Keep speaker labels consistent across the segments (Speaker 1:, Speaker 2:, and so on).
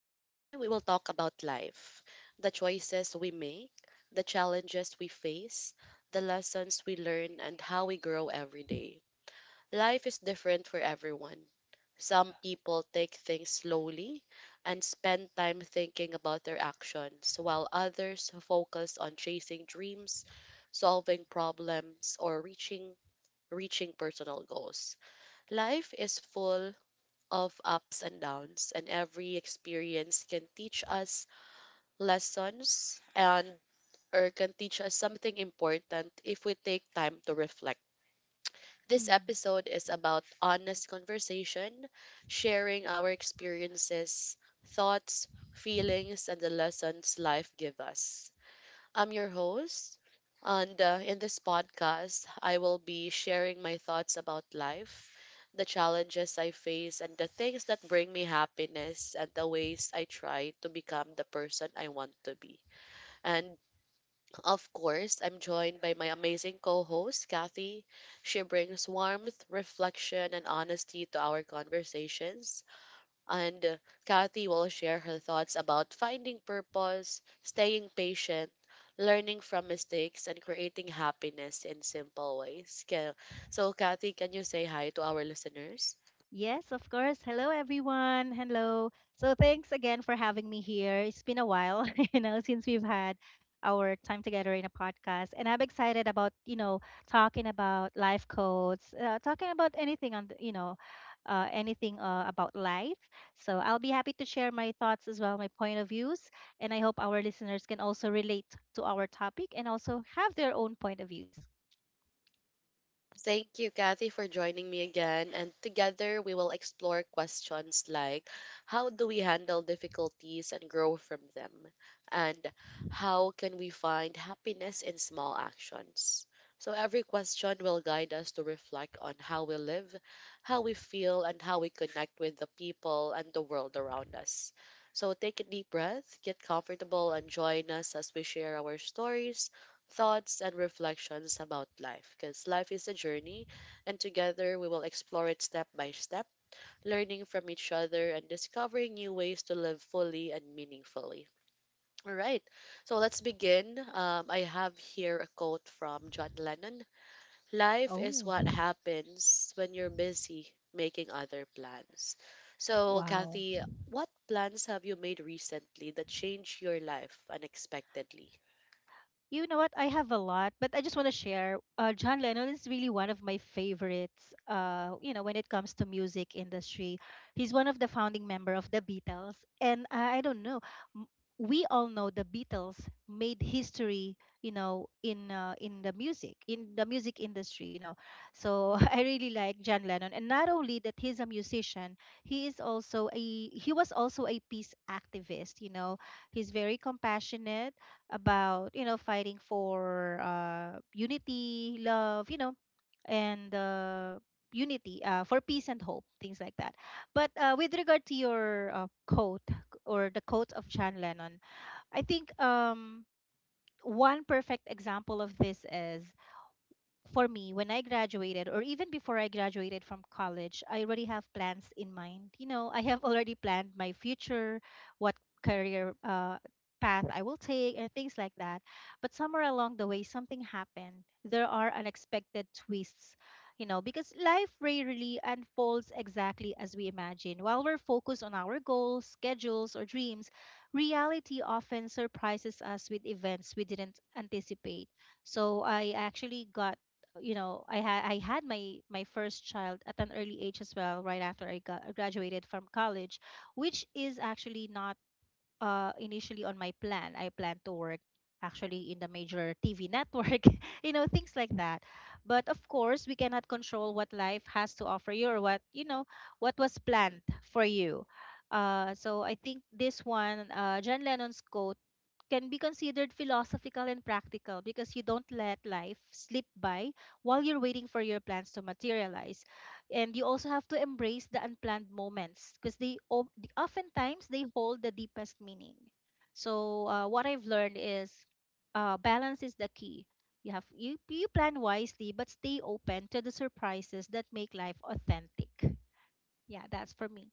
Speaker 1: Today, we will talk about life, the choices we make, the challenges we face, the lessons we learn, and how we grow every day. Life is different for everyone. Some people take things slowly and spend time thinking about their actions, while others focus on chasing dreams, solving problems, or reaching personal goals. Life is full of ups and downs, and every experience can teach us lessons and or can teach us something important if we take time to reflect. This
Speaker 2: Mm.
Speaker 1: episode is about honest conversation, sharing our experiences, thoughts, feelings, and the lessons life give us. I'm your host, and in this podcast, I will be sharing my thoughts about life, the challenges I face, and the things that bring me happiness, and the ways I try to become the person I want to be. And of course, I'm joined by my amazing co host, Kathy. She brings warmth, reflection, and honesty to our conversations and Kathy will share her thoughts about finding purpose, staying patient, learning from mistakes, and creating happiness in simple ways. Kaya- So, Kathy, can you say hi to our listeners?
Speaker 2: Yes, of course. Hello, everyone. Hello. So, thanks again for having me here. It's been a while, since we've had our time together in a podcast. And I'm excited about, talking about life codes, talking about anything on, the, you know, anything about life. So, I'll be happy to share my thoughts as well, my point of views. And I hope our listeners can also relate to our topic and also have their own point of views.
Speaker 1: Thank you, Kathy, for joining me again. And together we will explore questions like, how do we handle difficulties and grow from them? And how can we find happiness in small actions? So every question will guide us to reflect on how we live, how we feel, and how we connect with the people and the world around us. So take a deep breath, get comfortable, and join us as we share our stories, thoughts and reflections about life, because life is a journey and together we will explore it step by step, learning from each other and discovering new ways to live fully and meaningfully. All right, so let's begin. I have here a quote from John Lennon. Life
Speaker 2: Oh,
Speaker 1: is what happens when you're busy making other plans. So,
Speaker 2: wow.
Speaker 1: Kathy, what plans have you made recently that changed your life unexpectedly?
Speaker 2: You know what? I have a lot, but I just want to share. John Lennon is really one of my favorites. When it comes to music industry, he's one of the founding member of the Beatles, and I don't know. m- We all know the Beatles made history. In the music industry. So I really like John Lennon, and not only that, he's a musician. He is also a he was also a peace activist. He's very compassionate about fighting for unity, love, and unity, for peace and hope, things like that. But with regard to your quote, or the quote of John Lennon, I think, one perfect example of this is, for me, when I graduated, or even before I graduated from college, I already have plans in mind. You know, I have already planned my future, what career path I will take, and things like that. But somewhere along the way, something happened. There are unexpected twists, because life rarely unfolds exactly as we imagine. While we're focused on our goals, schedules, or dreams, reality often surprises us with events we didn't anticipate. So I actually got, I had my first child at an early age as well, right after graduated from college, which is actually not initially on my plan. I plan to work actually in the major TV network, things like that. But of course we cannot control what life has to offer you, or what was planned for you. So I think this one, John Lennon's quote, can be considered philosophical and practical, because you don't let life slip by while you're waiting for your plans to materialize. And you also have to embrace the unplanned moments, because oftentimes they hold the deepest meaning. So what I've learned is, balance is the key. You plan wisely but stay open to the surprises that make life authentic. Yeah, that's for me.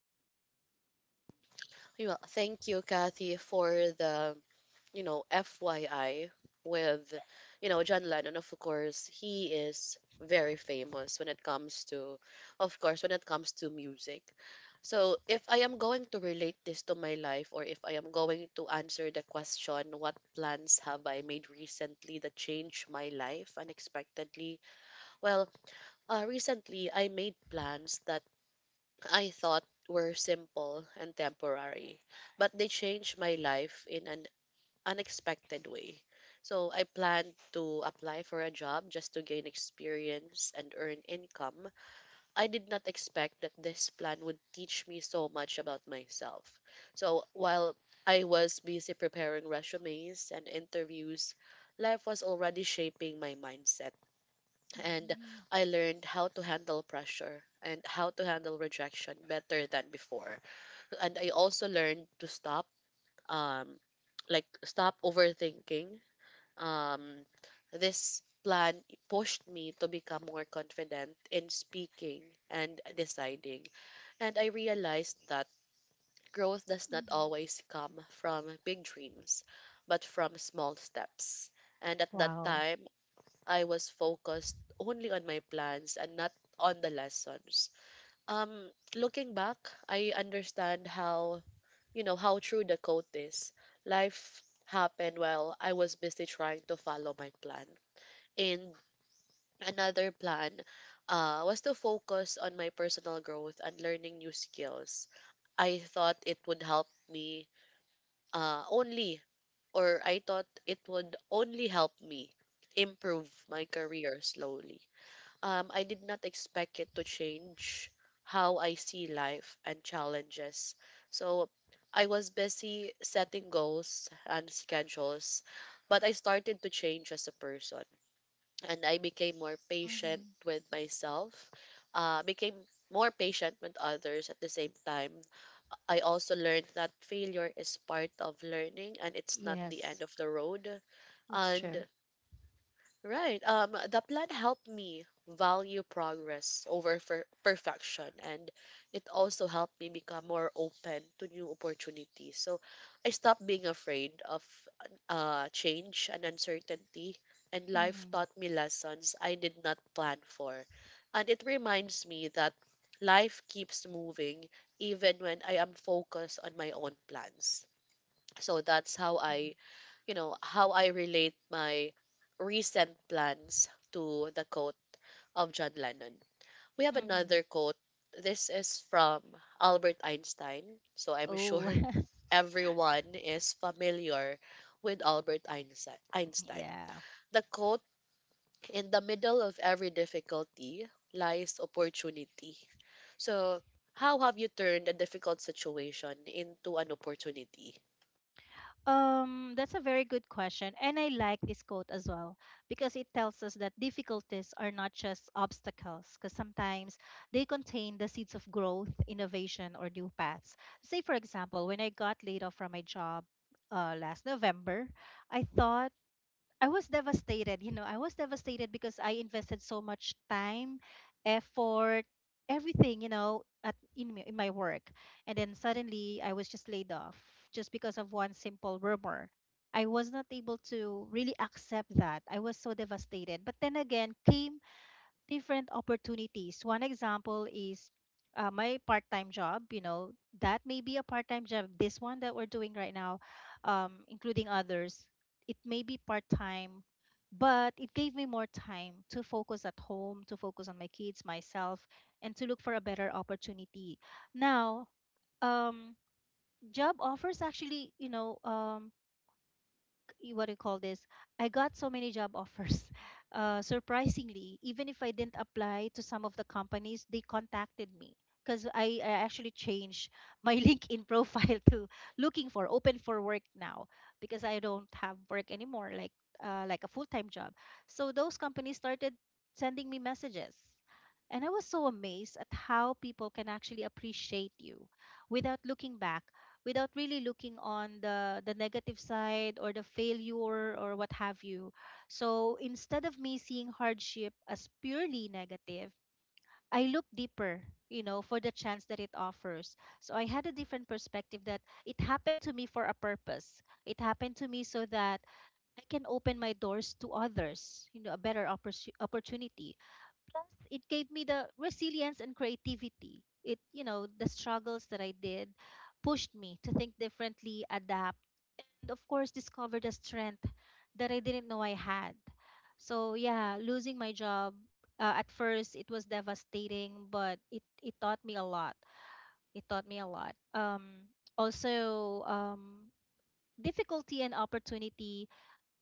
Speaker 1: Okay. Well, thank you, Kathy, for the, you know, FYI with, you know, John Lennon. Of course, he is very famous when it comes to, of course, when it comes to music. So, if I am going to relate this to my life, or if I am going to answer the question, what plans have I made recently that changed my life unexpectedly? Well, recently I made plans that I thought were simple and temporary, but they changed my life in an unexpected way. So I planned to apply for a job just to gain experience and earn income. I did not expect that this plan would teach me so much about myself. So while I was busy preparing resumes and interviews, life was already shaping my mindset and
Speaker 2: Hmm.
Speaker 1: I learned how to handle pressure and how to handle rejection better than before. And I also learned to um, like stop overthinking. Um, this plan pushed me to become more confident in speaking and deciding, and I realized that growth does not
Speaker 2: Hmm.
Speaker 1: always come from big dreams, but from small steps. And at that
Speaker 2: Wow.
Speaker 1: time, I was focused only on my plans and not on the lessons. Looking back, I understand how, you know, how true the quote is. Life happened while I was busy trying to follow my plan. And another plan was to focus on my personal growth and learning new skills. I thought it would help me only, or I thought it would only help me improve my career slowly. I did not expect it to change how I see life and challenges. So I was busy setting goals and schedules, but I started to change as a person and I became more patient
Speaker 2: Hmm.
Speaker 1: with myself, became more patient with others at the same time. I also learned that failure is part of learning and it's not the end
Speaker 2: Yes,
Speaker 1: of the road.
Speaker 2: that's true.
Speaker 1: And right. The plan helped me value progress over perfection, and it also helped me become more open to new opportunities. So I stopped being afraid of change and uncertainty, and life
Speaker 2: Mm-hmm.
Speaker 1: taught me lessons I did not plan for. And it reminds me that life keeps moving even when I am focused on my own plans. So that's how I, you know, how I relate my recent plans to the quote of John Lennon. We have
Speaker 2: Mm-hmm.
Speaker 1: another quote. This is from Albert Einstein. So I'm
Speaker 2: Oh,
Speaker 1: sure everyone is familiar with Albert Einstein.
Speaker 2: yeah.
Speaker 1: The quote, in the middle of every difficulty lies opportunity. So, how have you turned a difficult situation into an opportunity?
Speaker 2: That's a very good question. And I like this quote as well, because it tells us that difficulties are not just obstacles, because sometimes they contain the seeds of growth, innovation, or new paths. Say, for example, when I got laid off from my job last November, I thought I was devastated, I was devastated because I invested so much time, effort, everything, in my work. And then suddenly I was just laid off, just because of one simple rumor. I was not able to really accept that. I was so devastated. But then again came different opportunities. One example is my part-time job. That may be a part-time job. This one that we're doing right now, including others, it may be part-time, but it gave me more time to focus at home, to focus on my kids, myself, and to look for a better opportunity. Now, um, job offers actually, what do you call this? I got so many job offers. Surprisingly, even if I didn't apply to some of the companies, they contacted me because I actually changed my LinkedIn profile to looking for open for work now, because I don't have work anymore, like a full time job. So those companies started sending me messages. And I was so amazed at how people can actually appreciate you without looking back, without really looking on the negative side or the failure, or what have you. So instead of me seeing hardship as purely negative, I look deeper, for the chance that it offers. So I had a different perspective, that it happened to me for a purpose. It happened to me so that I can open my doors to others, a better, opportunity. Plus, it gave me the resilience and creativity. The struggles that I did pushed me to think differently, adapt, and of course, discovered a strength that I didn't know I had. So, yeah, losing my job, at first, it was devastating, but it taught me a lot. It taught me a lot. Also, difficulty and opportunity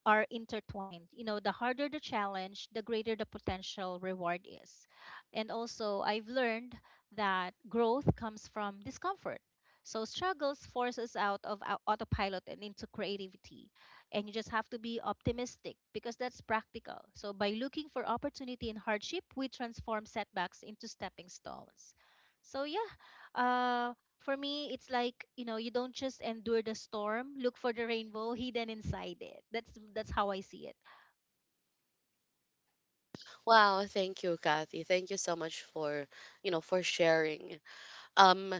Speaker 2: are intertwined. The harder the challenge, the greater the potential reward is. And also, I've learned that growth comes from discomfort. So struggles force us out of autopilot and into creativity. And you just have to be optimistic because that's practical. So by looking for opportunity in hardship, we transform setbacks into stepping stones. So yeah, uh, for me, it's like, you don't just endure the storm, look for the rainbow hidden inside it. That's how I see it.
Speaker 1: Wow, thank you, Kathy. Thank you so much for, you know, for sharing. Um,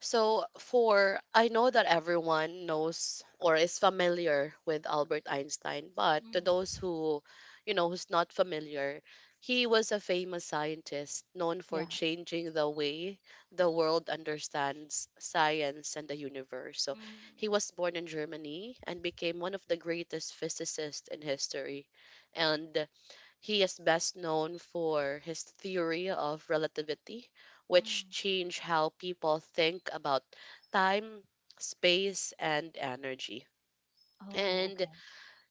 Speaker 1: so for I know that everyone knows or is familiar with Albert Einstein, but to those
Speaker 2: Mm.
Speaker 1: who, you know, who's not familiar, he was a famous scientist known for
Speaker 2: Yeah.
Speaker 1: changing the way the world understands science and the universe. So he
Speaker 2: Mm.
Speaker 1: was born in Germany and became one of the greatest physicists in history. And he is best known for his theory of relativity, which
Speaker 2: Mm.
Speaker 1: changed how people think about time, space, and energy.
Speaker 2: Oh,
Speaker 1: And
Speaker 2: okay.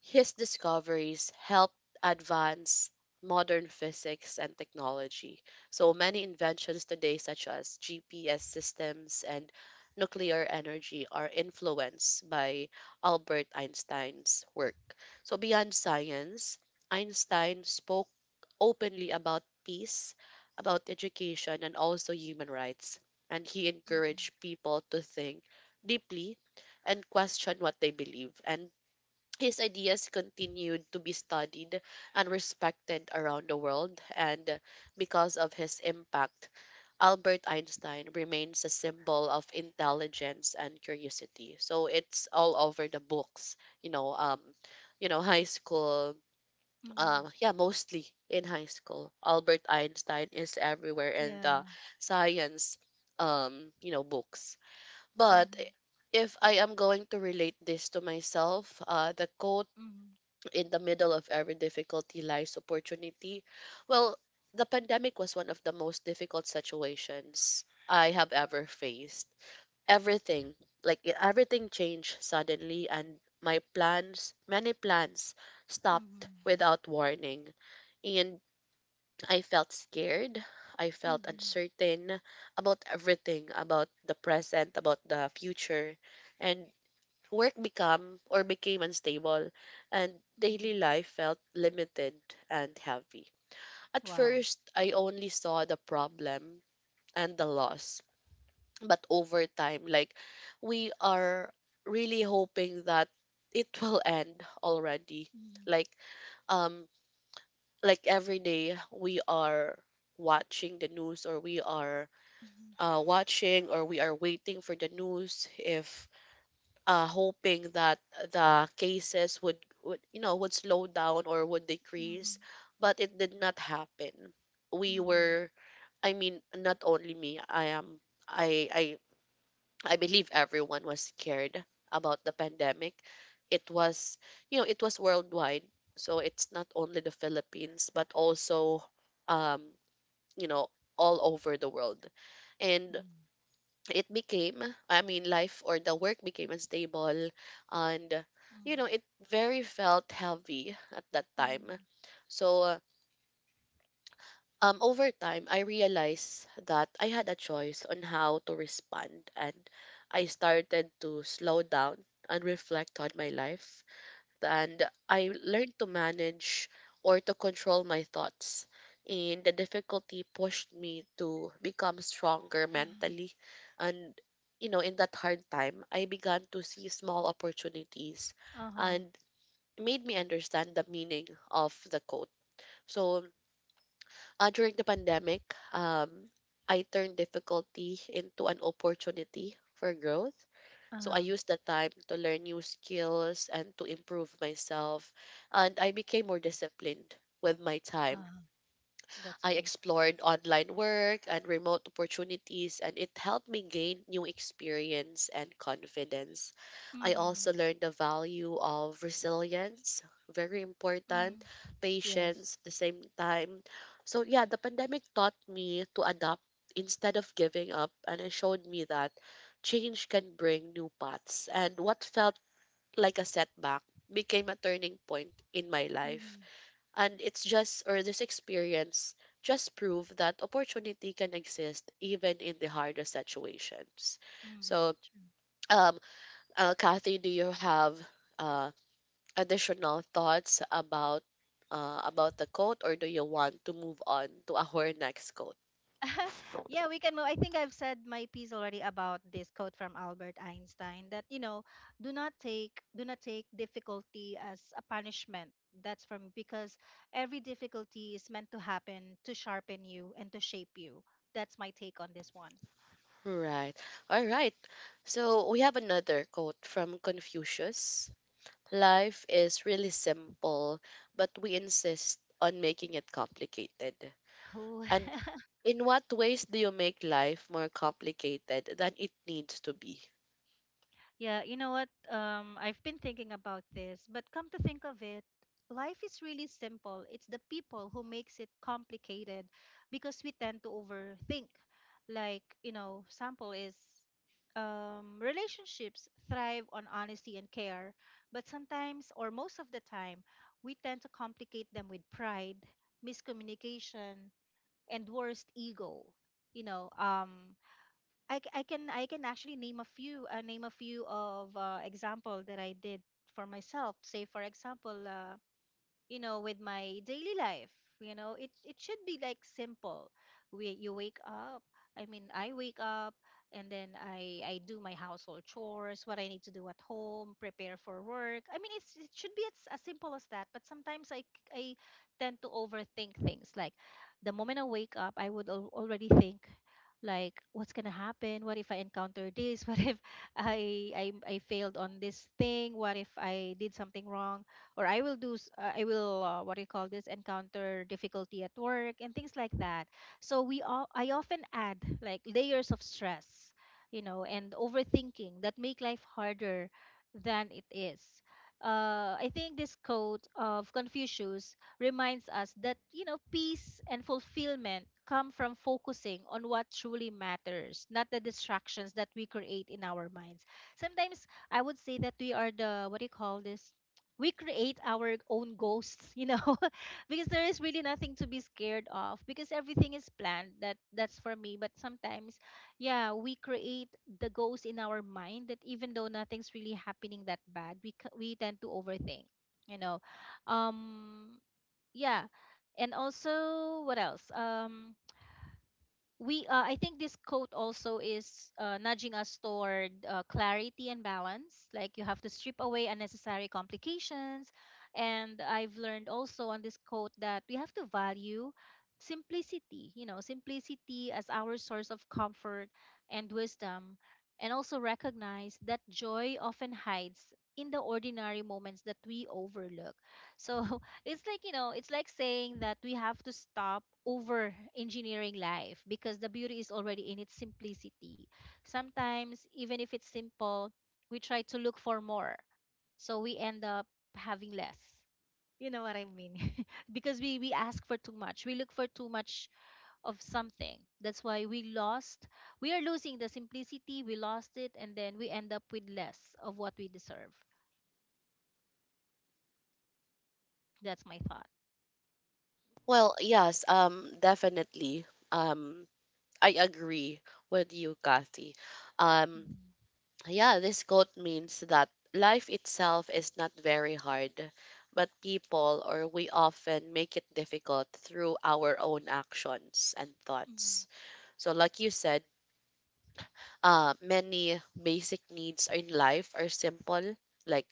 Speaker 1: his discoveries helped advance modern physics and technology. So many inventions today, such as GPS systems and nuclear energy, are influenced by Albert Einstein's work. So, beyond science, Einstein spoke openly about peace, about education, and also human rights. And he
Speaker 2: Mm.
Speaker 1: encouraged people to think deeply and question what they believe. And his ideas continued to be studied and respected around the world, and because of his impact, Albert Einstein remains a symbol of intelligence and curiosity. So it's all over the books, you know, um, you know, high school,
Speaker 2: Mm.
Speaker 1: yeah, mostly in high school. Albert Einstein is everywhere in
Speaker 2: Yeah.
Speaker 1: the science, you know, books. But
Speaker 2: Mm.
Speaker 1: if I am going to relate this to myself, the quote,
Speaker 2: Mm.
Speaker 1: in the middle of every difficulty lies opportunity. Well, the pandemic was one of the most difficult situations I have ever faced. Everything, like everything changed suddenly and my plans, many plans stopped
Speaker 2: Mm.
Speaker 1: without warning. And I felt scared. I felt
Speaker 2: Mm.
Speaker 1: uncertain about everything, about the present, about the future. And work become or became unstable and daily
Speaker 2: Mm.
Speaker 1: life felt limited and heavy. At
Speaker 2: Wow.
Speaker 1: first, I only saw the problem and the loss. But over time, like we are really hoping that it will end already.
Speaker 2: Mhm.
Speaker 1: Like um like every day we are watching the news or we are
Speaker 2: Mhm.
Speaker 1: watching or we are waiting for the news if hoping that the cases would, you know, would slow down or would
Speaker 2: Mhm.
Speaker 1: decrease, but it did not happen. We
Speaker 2: Mhm.
Speaker 1: were, I mean, not only me I am I i I believe everyone was scared about the pandemic. It was, you know, it was worldwide, so it's not only the Philippines, but also, um you know, all over the world. And
Speaker 2: Mhm.
Speaker 1: it became, I mean, life or the work became unstable, and, you
Speaker 2: Mhm.
Speaker 1: know, it very felt heavy at that time.
Speaker 2: Mhm.
Speaker 1: So over time I realized that I had a choice on how to respond, and I started to slow down and reflect on my life, and I learned to manage or to control my thoughts. And the difficulty pushed me to become stronger
Speaker 2: Mhm.
Speaker 1: mentally. And, you know, in that hard time, I began to see small opportunities
Speaker 2: Uh-huh.
Speaker 1: and made me understand the meaning of the quote. So during the pandemic, um, I turned difficulty into an opportunity for growth. So I
Speaker 2: Uh-huh.
Speaker 1: used the time to learn new skills and to improve myself. And I became more disciplined with my time.
Speaker 2: Uh-huh. That's
Speaker 1: I
Speaker 2: great.
Speaker 1: explored online work and remote opportunities, and it helped me gain new experience and confidence. I also
Speaker 2: Mhm.
Speaker 1: learned the value of resilience, very important,
Speaker 2: Mhm. Yes.
Speaker 1: patience at the same time. So, yeah, the pandemic taught me to adapt instead of giving up, and it showed me that change can bring new paths. And what felt like a setback became a turning point in my life.
Speaker 2: Mhm.
Speaker 1: And it's just, or this experience just prove that opportunity can exist even in the hardest situations.
Speaker 2: Mhm.
Speaker 1: So, um, Kathy, do you have uh, additional thoughts about the quote, or do you want to move on to our next quote?
Speaker 2: Yeah, we can move. I think I've said my piece already about this quote from Albert Einstein, that do not take difficulty as a punishment. That's from, because every difficulty is meant to happen to sharpen you and to shape you. That's my take on this one.
Speaker 1: Right. All right. So we have another quote from Confucius. Life is really simple, but we insist on making it complicated.
Speaker 2: Who?
Speaker 1: And in what ways do you make life more complicated than it needs to be?
Speaker 2: Yeah, you know what? I've been thinking about this, but come to think of it, life is really simple. It's the people who makes it complicated because we tend to overthink. Like, sample is, relationships thrive on honesty and care, but sometimes, or most of the time, we tend to complicate them with pride, miscommunication, and worst ego. You know, um, I can actually name a few of example that I did for myself. Say for example, with my daily life, it should be like simple. We you wake up, I wake up, and then I do my household chores, what I need to do at home, prepare for work. It should be as, simple as that, but sometimes I tend to overthink things, like the moment I wake up I would already think, like, what's gonna happen, what if I encounter this, what if I failed on this thing, what if I did something wrong, or I will do I will, what do you call this, encounter difficulty at work, and things like that. So we all I often add, like, layers of stress, and overthinking that make life harder than it is. I think this quote of Confucius reminds us that, peace and fulfillment come from focusing on what truly matters, not the distractions that we create in our minds. Sometimes I would say that we are the what do you call this we create our own ghosts, you know, because there is really nothing to be scared of because everything is planned. That's for me. But sometimes, yeah, we create the ghost in our mind that even though nothing's really happening that bad, we tend to overthink, you know. um yeah. And also what else? We I think this quote also is nudging us toward clarity and balance. Like you have to strip away unnecessary complications, and I've learned also on this quote that we have to value simplicity, you know, simplicity as our source of comfort and wisdom, and also recognize that joy often hides in the ordinary moments that we overlook. So it's like, you know, it's like saying that we have to stop over engineering life because the beauty is already in its simplicity. Sometimes even if it's simple, we try to look for more, so we end up having less. You know what I mean? Because we ask for too much, we look for too much of something. That's why we lost, we are losing the simplicity, we lost it, and then we end up with less of what we deserve. That's my thought.
Speaker 1: Well, yes, definitely. Um, I agree with you, Kathy. Um,
Speaker 2: Mm-hmm.
Speaker 1: yeah, this quote means that life itself is not very hard, but people or we often make it difficult through our own actions and thoughts. So, like you said, many basic needs in life are simple, like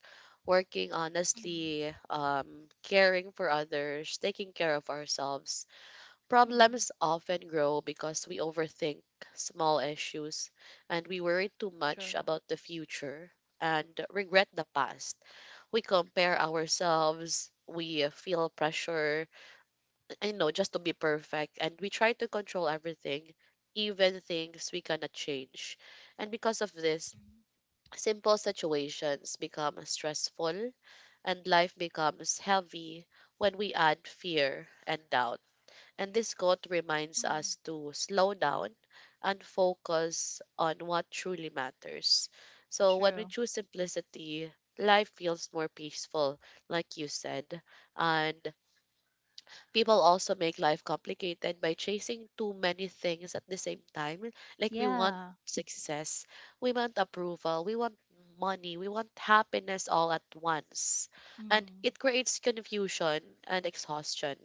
Speaker 1: working honestly, caring for others, taking care of ourselves.
Speaker 2: Mm-hmm.
Speaker 1: Problems often grow because we overthink small issues, and we worry too much
Speaker 2: True.
Speaker 1: about the future and regret the past. We compare ourselves, we feel pressure, I know, just to be perfect. And we try to control everything, even things we cannot change. And because of this,
Speaker 2: Mm.
Speaker 1: simple situations become stressful and life becomes heavy when we add fear and doubt. And this quote reminds us
Speaker 2: Mm.
Speaker 1: to slow down and focus on what truly matters. So when we
Speaker 2: True.
Speaker 1: choose simplicity, life feels more peaceful, like you said. And people also make life complicated by chasing too many things at the same time. Like, we want
Speaker 2: Yeah.
Speaker 1: success, we want approval, we want money, we want happiness all at once. And
Speaker 2: Mm.
Speaker 1: it creates confusion and exhaustion.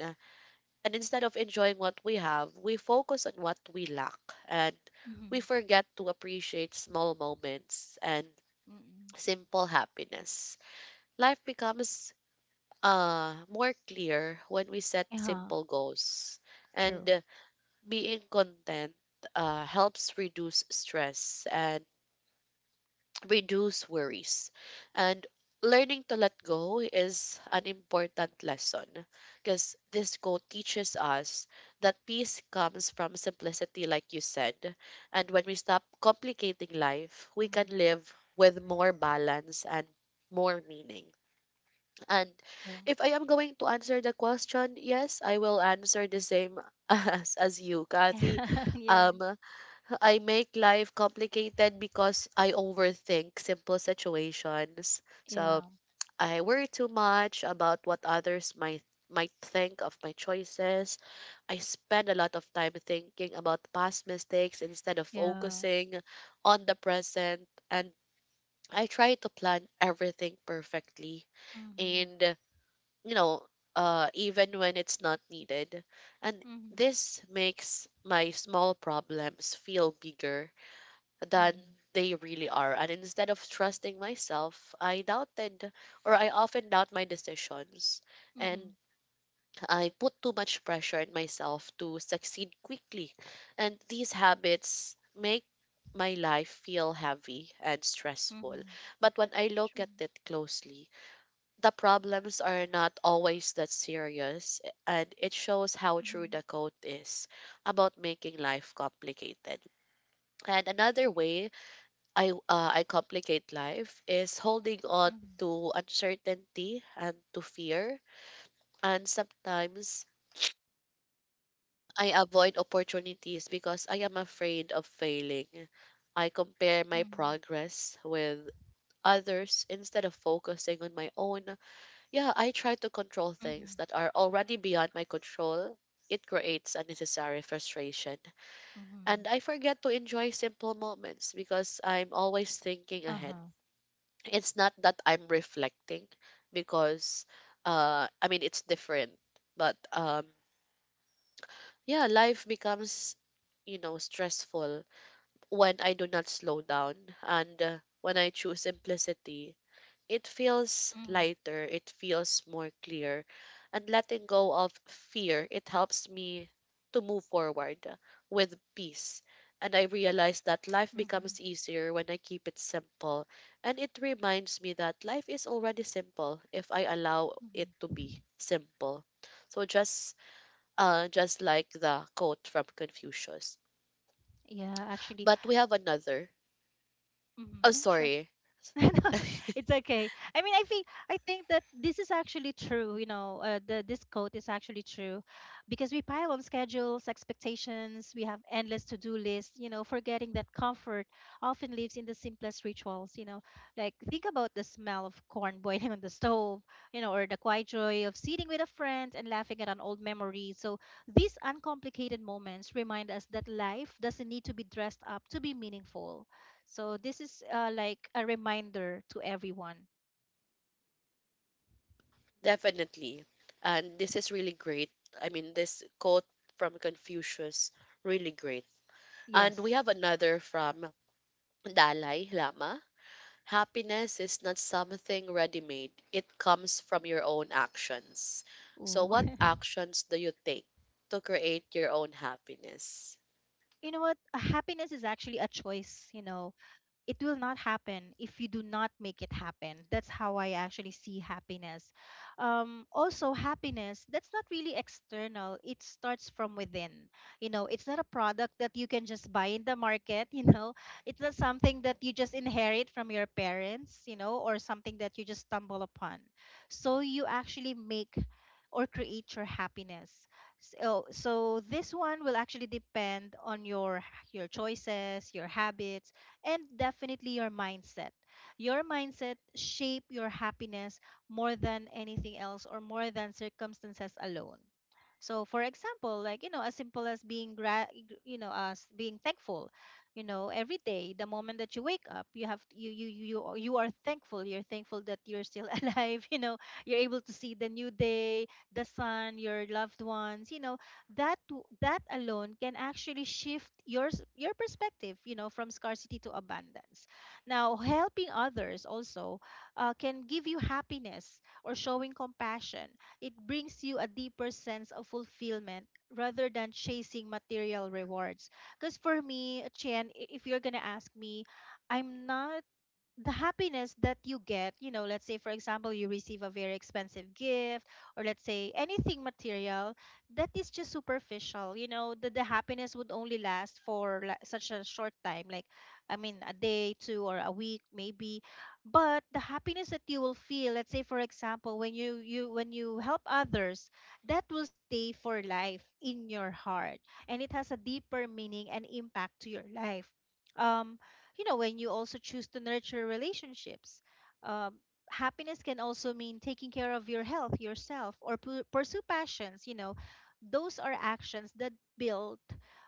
Speaker 1: And instead of enjoying what we have, we focus on what we lack, and we
Speaker 2: Mm.
Speaker 1: forget to appreciate small moments and
Speaker 2: Mm.
Speaker 1: simple happiness. Life becomes more clear when we set
Speaker 2: Yeah.
Speaker 1: simple goals. And
Speaker 2: True.
Speaker 1: being content helps reduce stress and reduce worries. And learning to let go is an important lesson, because this quote teaches us that peace comes from simplicity, like you said. And when we stop complicating life, we
Speaker 2: Mm.
Speaker 1: can live with more balance and more meaning. And
Speaker 2: True.
Speaker 1: if I am going to answer the question, yes, I will answer the same as you, Kathy.
Speaker 2: Yeah.
Speaker 1: Um, I make life complicated because I overthink simple situations. So
Speaker 2: Yeah.
Speaker 1: I worry too much about what others might think of my choices. I spend a lot of time thinking about past mistakes instead of
Speaker 2: Yeah.
Speaker 1: focusing on the present, and I try to plan everything perfectly.
Speaker 2: Mm-hmm.
Speaker 1: And you know, even when it's not needed. And
Speaker 2: Mm-hmm.
Speaker 1: this makes my small problems feel bigger than they really are. And instead of trusting myself, I often doubt my decisions.
Speaker 2: Mm-hmm. Mm-hmm.
Speaker 1: And I put too much pressure on myself to succeed quickly. And these habits make my life feel heavy and stressful.
Speaker 2: Mm-hmm.
Speaker 1: But when I look
Speaker 2: True.
Speaker 1: at it closely, the problems are not always that serious, and it shows how true
Speaker 2: Mm-hmm.
Speaker 1: the quote is about making life complicated. And another way I complicate life is holding on
Speaker 2: Mm-hmm.
Speaker 1: to uncertainty and to fear, and sometimes I avoid opportunities because I am afraid of failing. I compare my
Speaker 2: Mm-hmm.
Speaker 1: progress with others instead of focusing on my own. Yeah, I try to control
Speaker 2: Mm-hmm.
Speaker 1: things that are already beyond my control. It creates unnecessary frustration. And
Speaker 2: Mm-hmm.
Speaker 1: I forget to enjoy simple moments because I'm always thinking ahead.
Speaker 2: Uh-huh.
Speaker 1: It's not that I'm reflecting because, I mean, it's different. But yeah, life becomes, you know, stressful when I do not slow down, and when I choose simplicity, it feels
Speaker 2: Mm-hmm.
Speaker 1: lighter, it feels more clear, and letting go of fear, it helps me to move forward with peace. And I realize that life
Speaker 2: Mm-hmm.
Speaker 1: becomes easier when I keep it simple. And it reminds me that life is already simple if I allow it
Speaker 2: Mm-hmm.
Speaker 1: to be simple. So just just like the quote from Confucius.
Speaker 2: Yeah, actually,
Speaker 1: But we have another. Oh,
Speaker 2: Mm-hmm. yeah, sure.
Speaker 1: sorry.
Speaker 2: It's okay. I mean, I think that this is actually true. You know, the this quote is actually true, because we pile on schedules, expectations. We have endless to-do lists. You know, forgetting that comfort often lives in the simplest rituals. You know, like think about the smell of corn boiling on the stove. You know, or the quiet joy of sitting with a friend and laughing at an old memory. So these uncomplicated moments remind us that life doesn't need to be dressed up to be meaningful. So this is like a reminder to everyone.
Speaker 1: Definitely. And this is really great. I mean, this quote from Confucius, really great. And we
Speaker 2: Yes.
Speaker 1: have another from Dalai Lama. Happiness is not something ready made, it comes from your own actions. So,
Speaker 2: Ooh.
Speaker 1: what actions do you take to create your own happiness?
Speaker 2: You know what? Happiness is actually a choice, you know. It will not happen if you do not make it happen. That's how I actually see happiness. Also, happiness, that's not really external, it starts from within, you know. It's not a product that you can just buy in the market. You know, it's not something that you just inherit from your parents, you know, or something that you just stumble upon. So you actually make or create your happiness. So this one will actually depend on your choices, your habits, and definitely your mindset. Your mindset shape your happiness more than anything else, or more than circumstances alone. So for example, like, you know, as simple as you know, as being thankful, you know, every day the moment that you wake up, you have you are thankful. You're thankful that you're still alive, you know, you're able to see the new day, the sun, your loved ones, you know, that alone can actually shift your perspective, you know, from scarcity to abundance. Now helping others also, can give you happiness, or showing compassion, it brings you a deeper sense of fulfillment rather than chasing material rewards. Because for me, Chen, if you're gonna ask me, I'm not. The happiness that you get, you know, let's say for example you receive a very expensive gift, or let's say anything material, that is just superficial, you know, the happiness would only last for such a short time, like I mean a day, two, or a week maybe. But the happiness that you will feel, let's say for example when you help others, that will stay for life in your heart, and it has a deeper meaning and impact to your life. Um, you know, when you also choose to nurture relationships, um, happiness can also mean taking care of your health yourself, or pursue passions, you know. Those are actions that build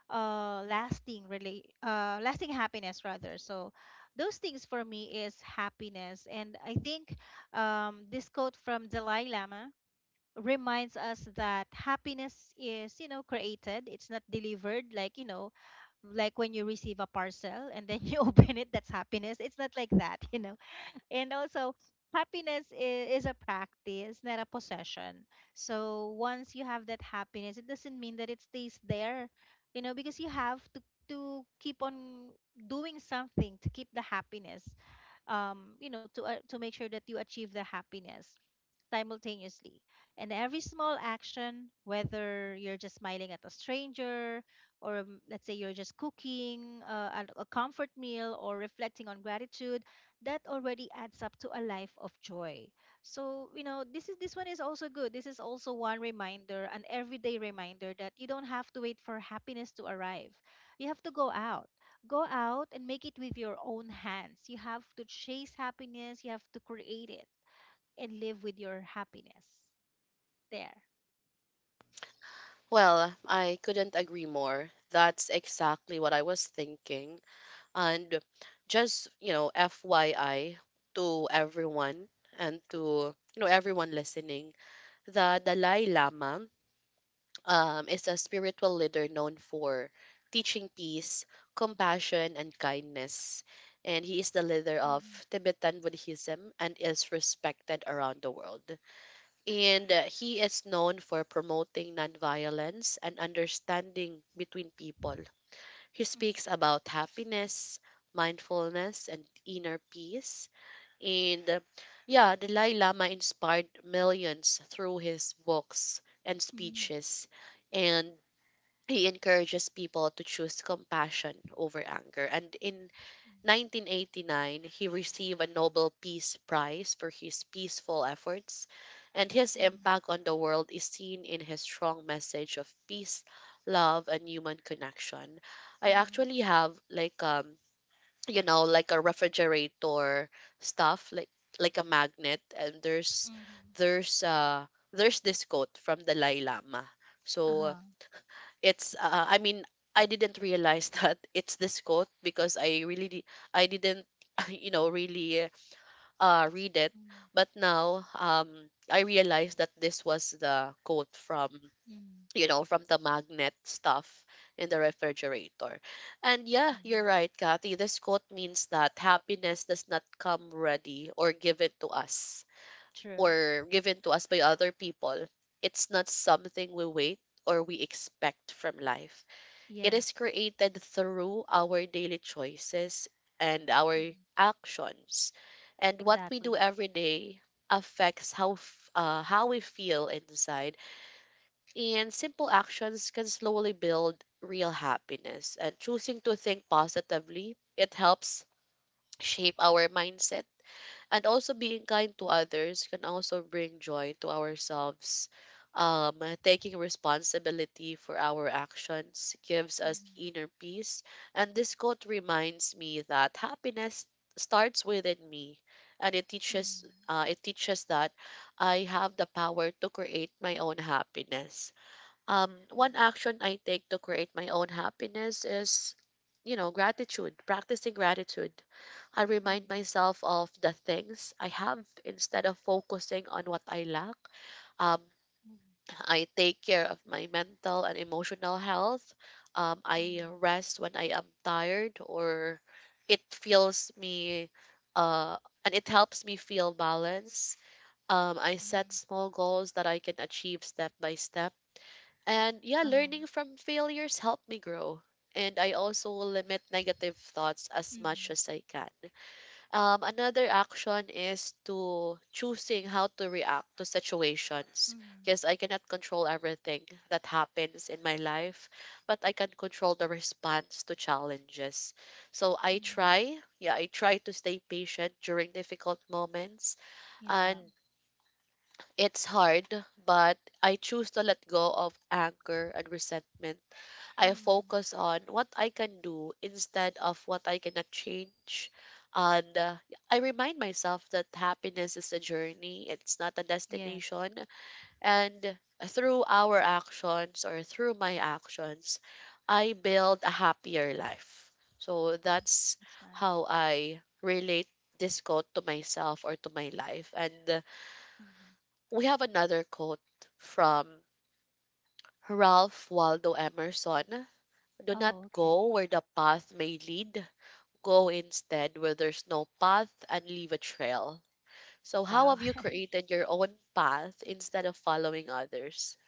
Speaker 2: lasting happiness rather. So those things for me is happiness. And I think, this quote from Dalai Lama reminds us that happiness is, you know, created. It's not delivered, like, you know, like when you receive a parcel and then you open it, that's happiness. It's not like that. You know. And also, happiness is a practice, not a possession. So once you have that happiness, it doesn't mean that it stays there, you know, because you have to keep on doing something to keep the happiness, um, you know, to make sure that you achieve the happiness simultaneously. And every small action, whether you're just smiling at a stranger, or, let's say you're just cooking a comfort meal, or reflecting on gratitude, that already adds up to a life of joy. So, you know, this one is also good. This is also one reminder, an everyday reminder that you don't have to wait for happiness to arrive. You have to go out. Go out and make it with your own hands. You have to chase happiness. You have to create it and live with your happiness there.
Speaker 1: Well, I couldn't agree more. That's exactly what I was thinking. And just, you know, FYI to everyone and to, you know, everyone listening, the Dalai Lama is a spiritual leader known for teaching peace, compassion, and kindness. And he is the leader of
Speaker 2: Mhm.
Speaker 1: Tibetan Buddhism and is respected around the world. And he is known for promoting nonviolence and understanding between people. He
Speaker 2: Mhm.
Speaker 1: speaks about happiness, mindfulness, and inner peace. And yeah, Dalai Lama inspired millions through his books and
Speaker 2: Mhm.
Speaker 1: speeches. And he encourages people to choose compassion over anger. And in
Speaker 2: True.
Speaker 1: 1989, he received a Nobel Peace Prize for his peaceful efforts, and his
Speaker 2: Mhm.
Speaker 1: impact on the world is seen in his strong message of peace, love, and human connection. I
Speaker 2: Mhm.
Speaker 1: actually have like you know like a refrigerator stuff, like a magnet, and
Speaker 2: Mhm.
Speaker 1: there's uh there's this quote from Dalai Lama. So
Speaker 2: Uh-huh.
Speaker 1: it's I mean, I didn't realize that it's this quote because I didn't you know really read it,
Speaker 2: Mhm.
Speaker 1: but now I realized that this was the quote from,
Speaker 2: Mhm.
Speaker 1: you know, from the magnet stuff in the refrigerator. And yeah,
Speaker 2: Mhm.
Speaker 1: you're right, Kathy, this quote means that happiness does not come ready or given to us
Speaker 2: True.
Speaker 1: by other people. It's not something we wait or we expect from life, it is
Speaker 2: Yes,
Speaker 1: created through our daily choices and our
Speaker 2: Mhm.
Speaker 1: actions. And what we
Speaker 2: exactly.
Speaker 1: do every day affects how we feel inside. And simple actions can slowly build real happiness. And choosing to think positively, it helps shape our mindset, and also being kind to others can also bring joy to ourselves. Taking responsibility for our actions gives us
Speaker 2: Mhm.
Speaker 1: inner peace. And this quote reminds me that happiness starts within me, and it teaches
Speaker 2: Mhm.
Speaker 1: uh, it teaches that I have the power to create my own happiness. One
Speaker 2: Mhm.
Speaker 1: action I take to create my own happiness is, you know, gratitude. Practicing gratitude, I remind
Speaker 2: Mhm.
Speaker 1: myself of the things I have instead of focusing on what I lack. Um,
Speaker 2: Mhm.
Speaker 1: I take care of my mental and emotional health. I
Speaker 2: Mhm.
Speaker 1: rest when I am tired, or it feels me uh, and it helps me feel balance. I set
Speaker 2: Mhm.
Speaker 1: small goals that I can achieve step by step. And yeah,
Speaker 2: Uh-huh.
Speaker 1: learning from failures help me grow. And I also limit negative thoughts as much
Speaker 2: Mhm.
Speaker 1: as I can. Another action is to choosing how to react to situations,
Speaker 2: Mhm.
Speaker 1: because I cannot control everything that happens in my life, but I can control the response to challenges. So I
Speaker 2: Mhm.
Speaker 1: try, yeah, I try to stay patient during difficult moments,
Speaker 2: Yeah.
Speaker 1: and it's hard, but I choose to let go of anger and resentment. I
Speaker 2: Mhm.
Speaker 1: focus on what I can do instead of what I cannot change. And I remind myself that happiness is a journey, it's not a
Speaker 2: Yes.
Speaker 1: destination. And through our actions, or through my actions, I build a happier life. So that's
Speaker 2: It's nice.
Speaker 1: how I relate this quote to myself or to my life. And
Speaker 2: Mhm.
Speaker 1: we have another quote from Ralph Waldo Emerson. Do not
Speaker 2: Oh,
Speaker 1: go
Speaker 2: okay.
Speaker 1: where the path may lead. Go instead where there's no path and leave a trail. So, how
Speaker 2: Wow.
Speaker 1: have you created your own path instead of following others?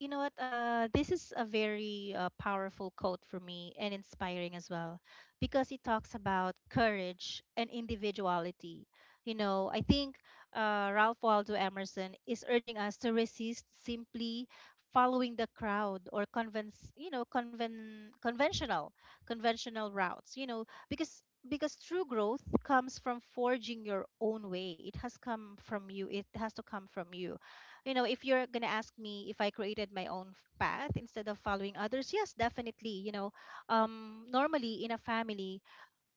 Speaker 2: You know what? This is a very powerful quote for me and inspiring as well, because it talks about courage and individuality. You know, I think Ralph Waldo Emerson is urging us to resist simply following the crowd, or convince, you know, conven conventional routes. You know, because true growth comes from forging your own way. It has come from you. It has to come from you, you know. If you're gonna ask me if I created my own path instead of following others, yes, definitely. You know, normally in a family,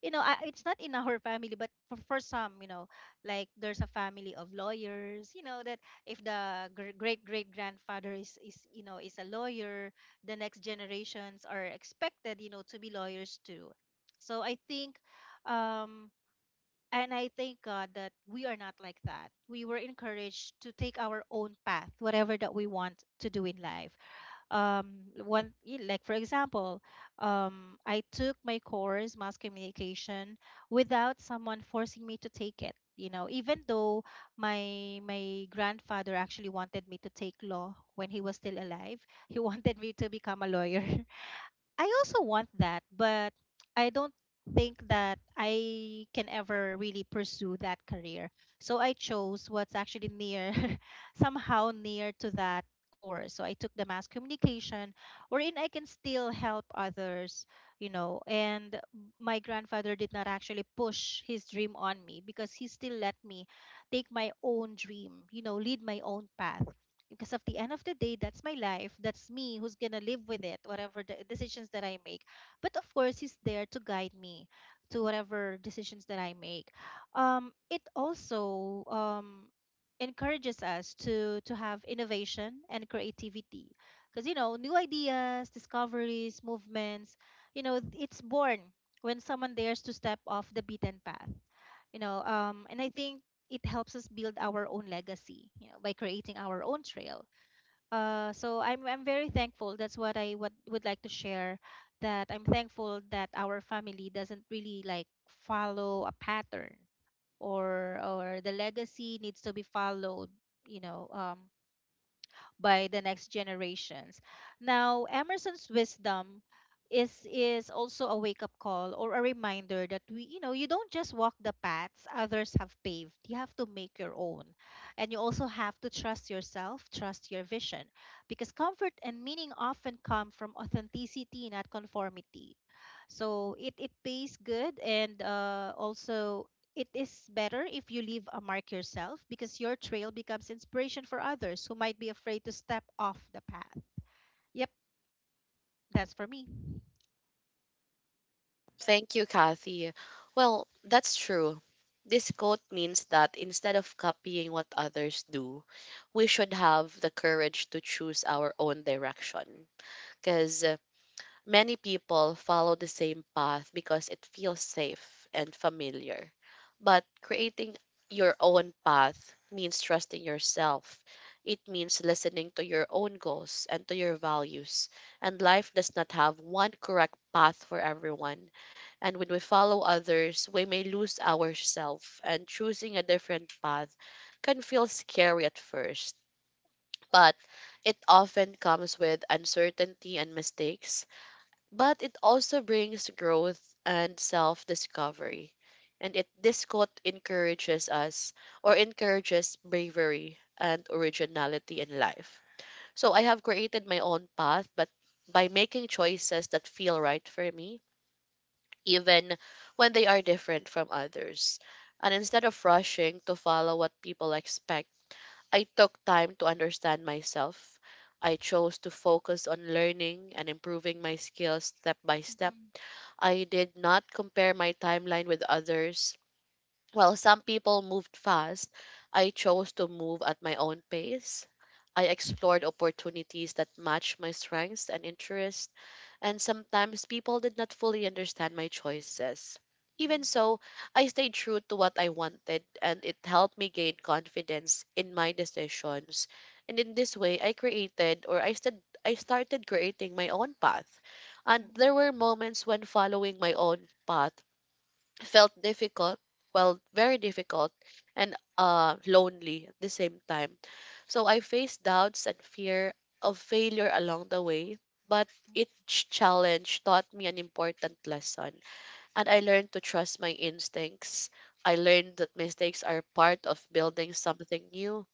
Speaker 2: you know, I, it's not in our family, but for some, you know, like there's a family of lawyers. You know that if the great great grandfather is you know is a lawyer, the next generations are expected, you know, to be lawyers too. So I think, um, and I thank God that we are not like that. We were encouraged to take our own path, whatever that we want to do in life. One, like for example, I took my course, mass communication, without someone forcing me to take it. You know, even though my grandfather actually wanted me to take law when he was still alive, he wanted me to become a lawyer. I also want that, but I don't think that I can ever really pursue that career. So I chose what's actually near, somehow near to that course. So I took the mass communication, wherein I can still help others, you know. And my grandfather did not actually push his dream on me, because he still let me take my own dream, you know, lead my own path. Because of the end of the day, that's my life, that's me who's gonna live with it whatever the decisions that I make. But of course he's there to guide me to whatever decisions that I make. It also encourages us to have innovation and creativity. Because, you know, new ideas, discoveries, movements, you know, it's born when someone dares to step off the beaten path, you know. And I think it helps us build our own legacy, you know, by creating our own trail. So I'm very thankful. That's what I what would like to share. That I'm thankful that our family doesn't really like follow a pattern, or the legacy needs to be followed. You know, by the next generations. Now, Emerson's wisdom is also a wake up call, or a reminder that we, you know, you don't just walk the paths others have paved, you have to make your own. And you also have to trust yourself, trust your vision, because comfort and meaning often come from authenticity, not conformity. So it pays good. And also, it is better if you leave a mark yourself, because your trail becomes inspiration for others who might be afraid to step off the path. Yep, that's for me.
Speaker 1: Thank you, Kathy. Well, that's true. This quote means that instead of copying what others do, we should have the courage to choose our own direction. Because many people follow the same path because it feels safe and familiar. But creating your own path means trusting yourself. It means listening to your own goals and to your values. And life does not have one correct path for everyone. And when we follow others, we may lose ourselves. And choosing a different path can feel scary at first. But it often comes with uncertainty and mistakes, but it also brings growth and self discovery. And it this quote encourages us, or encourages bravery and originality in life. So I have created my own path, but by making choices that feel right for me, even when they are different from others. And instead of rushing to follow what people expect, I took time to understand myself. I chose to focus on learning and improving my skills step by step.
Speaker 2: Mhm.
Speaker 1: I did not compare my timeline with others. While some people moved fast, I chose to move at my own pace. I explored opportunities that matched my strengths and interests, and sometimes people did not fully understand my choices. Even
Speaker 2: Mm.
Speaker 1: so, I stayed true to what I wanted, and it helped me gain confidence in my decisions. And in this way, I created or I, st- I started creating my own path. And there
Speaker 2: Mm.
Speaker 1: were moments when following my own path felt difficult, well, very difficult, and lonely at the same time. So I faced doubts and fear of failure along the way, but each challenge taught me an important lesson. And I learned to trust my instincts. I learned that mistakes are part of building something new,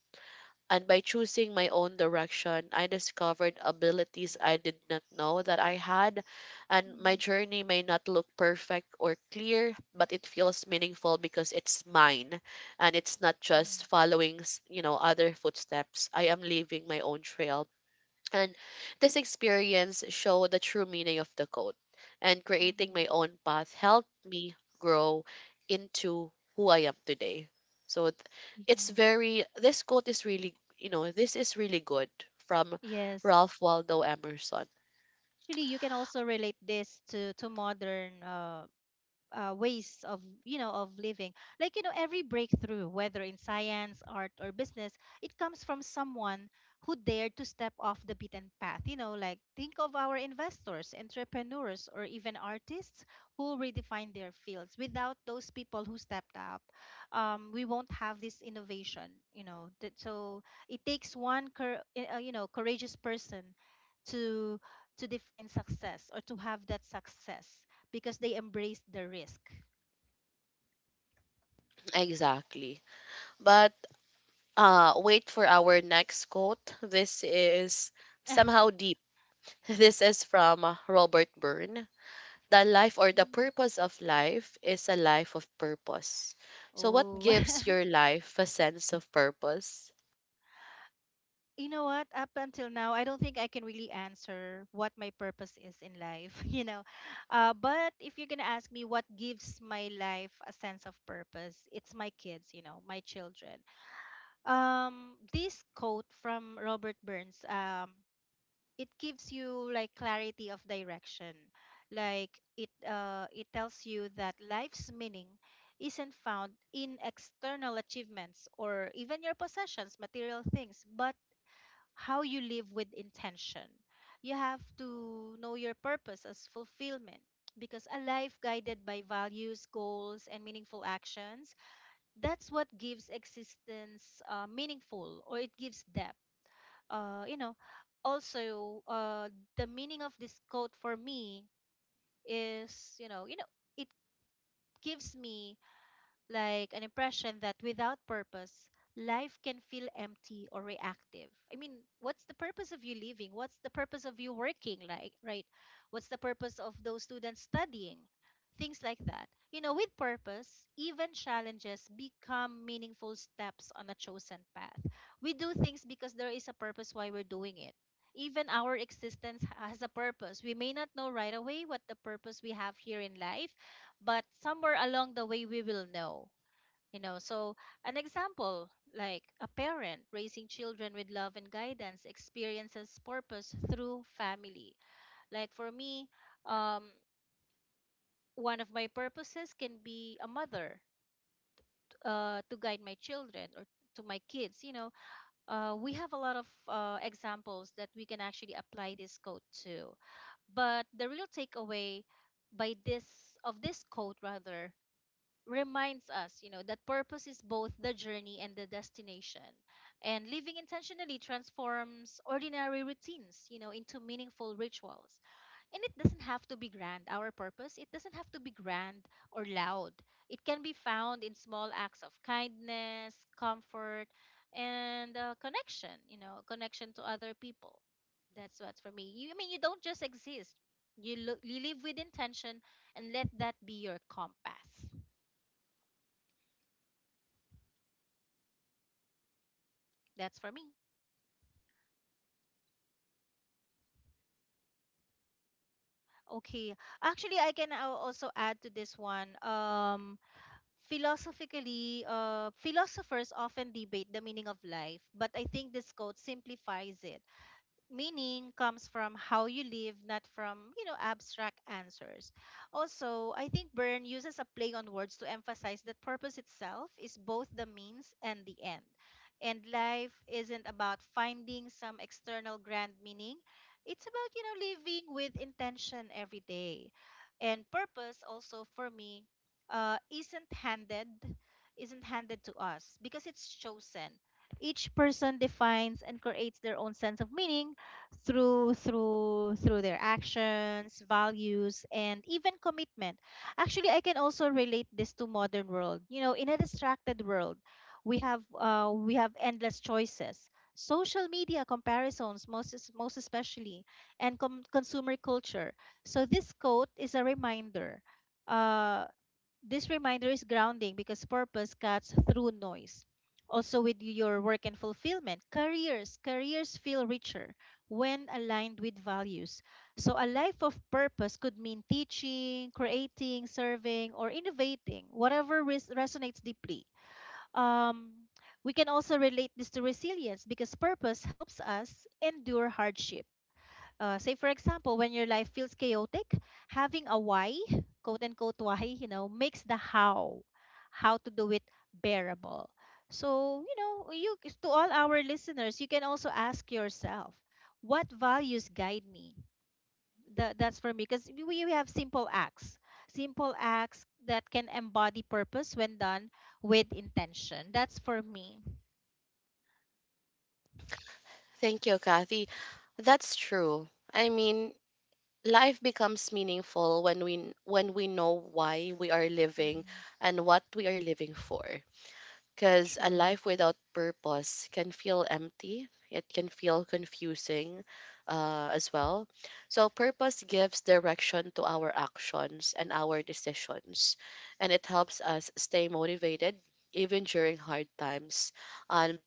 Speaker 1: and by choosing my own direction, I discovered abilities I did not know that I had. And my
Speaker 2: Mm.
Speaker 1: journey may not look perfect or clear, but it feels meaningful because it's mine. And it's not
Speaker 2: Mm.
Speaker 1: just following, you know, other footsteps. I am leaving my own trail, and this experience showed the true meaning of the code. And creating
Speaker 2: Mhm.
Speaker 1: my own path helped me grow into who I am today. So it's
Speaker 2: Mhm.
Speaker 1: very, this quote is really, you know, this is really good, from
Speaker 2: Yes.
Speaker 1: Ralph Waldo Emerson.
Speaker 2: Actually, you can also relate this to modern ways of, you know, of living. Like, you know, every breakthrough whether in science, art, or business, it comes from someone who dared to step off the beaten path, you know. Like think of our investors, entrepreneurs, or even artists who redefine their fields. Without those people who stepped up, we won't have this innovation, you know, that. So it takes one you know, courageous person to to define success or to have that success, because they embraced the risk.
Speaker 1: Exactly. But wait for our next quote. This is somehow deep. This is from Robert Byrne. The life or the
Speaker 2: Mm.
Speaker 1: purpose of life is a life of purpose. So, what
Speaker 2: Oh.
Speaker 1: gives your life a sense of purpose?
Speaker 2: You know what? Up until now, I don't think I can really answer what my purpose is in life, you know. But if you're gonna ask me what gives my life a sense of purpose, it's my kids, you know, my children. This quote from Robert Burns, it gives you like clarity of direction. Like it it tells you that life's meaning isn't found in external achievements or even your possessions, material things, but how you live with intention. You have to know your purpose as fulfillment, because a life guided by values, goals, and meaningful actions, that's what gives existence meaningful, or it gives depth. You know, also, the meaning of this quote for me is, you know, it gives me like an impression that without purpose, life can feel empty or reactive. I mean, what's the purpose of you living? What's the purpose of you working? Like, right? What's the purpose of those students studying? Things like that. You know, with purpose, even challenges become meaningful steps on a chosen path. We do things because there is a purpose why we're doing it. Even our existence has a purpose. We may not know right away what the purpose we have here in life, but somewhere along the way we will know. You know, so an example, like a parent raising children with love and guidance experiences purpose through family. Like for me, um one of my purposes can be a mother, to guide my children, or to my kids, you know. We have a lot of examples that we can actually apply this code to, but the real takeaway by this of this code rather reminds us, you know, that purpose is both the journey and the destination. And living intentionally transforms ordinary routines, you know, into meaningful rituals. And it doesn't have to be grand. Our purpose, it doesn't have to be grand or loud. It can be found in small acts of kindness, comfort, and connection, you know, connection to other people. That's what's for me. You, I mean, you don't just exist. You, look, you live with intention and let that be your compass. That's for me. Okay. Actually, I can also add to this one. Philosophically, philosophers often debate the meaning of life, but I think this quote simplifies it. Meaning comes from how you live, not from, you know, abstract answers. Also, I think Byrne uses a play on words to emphasize that purpose itself is both the means and the end. And life isn't about finding some external grand meaning. It's about, you know, living with intention every day. And purpose also for me uh, isn't handed isn't handed to us because it's chosen. Each person defines and creates their own sense of meaning through their actions, values, and even commitment. Actually, I can also relate this to modern world. You know, in a distracted world, we have endless choices. Social media comparisons, most most especially, and consumer culture. So this quote is a reminder. uh, this reminder is grounding because purpose cuts through noise. Also, with your work and fulfillment, careers feel richer when aligned with values. So, a life of purpose could mean teaching, creating, serving, or innovating, whatever resonates deeply. Um, we can also relate this to resilience because purpose helps us endure hardship. Say, for example, when your life feels chaotic, having a why, quote unquote why, you know, makes the how to do it bearable. So, you know, you, to all our listeners, you can also ask yourself, what values guide me? That's for me because we have simple acts that can embody purpose when done with intention. That's for me.
Speaker 1: Thank you, Kathy. That's true. I mean, life becomes meaningful when we know why we are living
Speaker 2: Hmm.
Speaker 1: and what we are living for. Because a
Speaker 2: True.
Speaker 1: life without purpose can feel empty. It can feel confusing as well. So, purpose gives direction to our actions and our decisions, and it helps us stay motivated even during hard times. And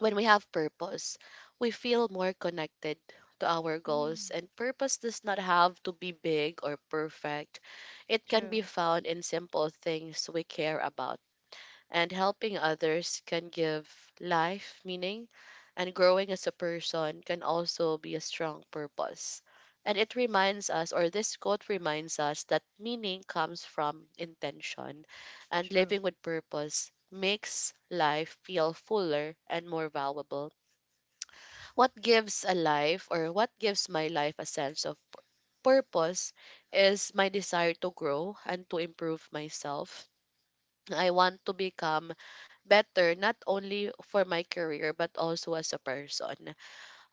Speaker 1: when we have purpose, we feel more connected to our goals.
Speaker 2: Mm.
Speaker 1: And purpose does not have to be big or perfect, it can
Speaker 2: True.
Speaker 1: be found in simple things we care about, and helping others can give life meaning, and growing as a person can also be a strong purpose. And it reminds us, or this quote reminds us, that meaning comes from intention, and
Speaker 2: True.
Speaker 1: living with purpose makes life feel fuller and more valuable. What gives a life, or what gives my life a sense of purpose, is my desire to grow and to improve myself. I want to become better not only for my career but also as a person.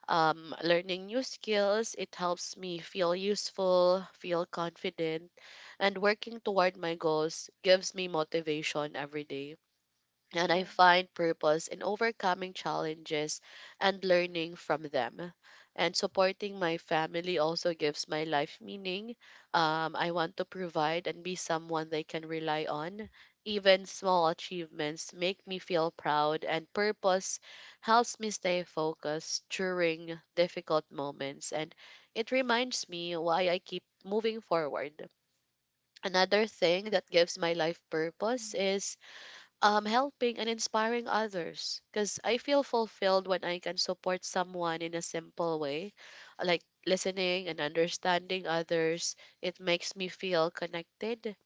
Speaker 1: Learning new skills, it helps me feel useful, feel confident, and working toward my goals gives me motivation every day, and I
Speaker 2: True.
Speaker 1: find purpose in overcoming challenges and learning from them. And supporting my family also gives my life meaning. I want to provide and be someone they can rely on. Even small achievements make me feel proud, and purpose helps me stay focused during difficult moments. And it reminds me why I keep moving forward. Another thing that gives my life purpose is helping and inspiring others because I feel fulfilled when I can support someone in a simple way, like listening and understanding others. It makes me feel connected.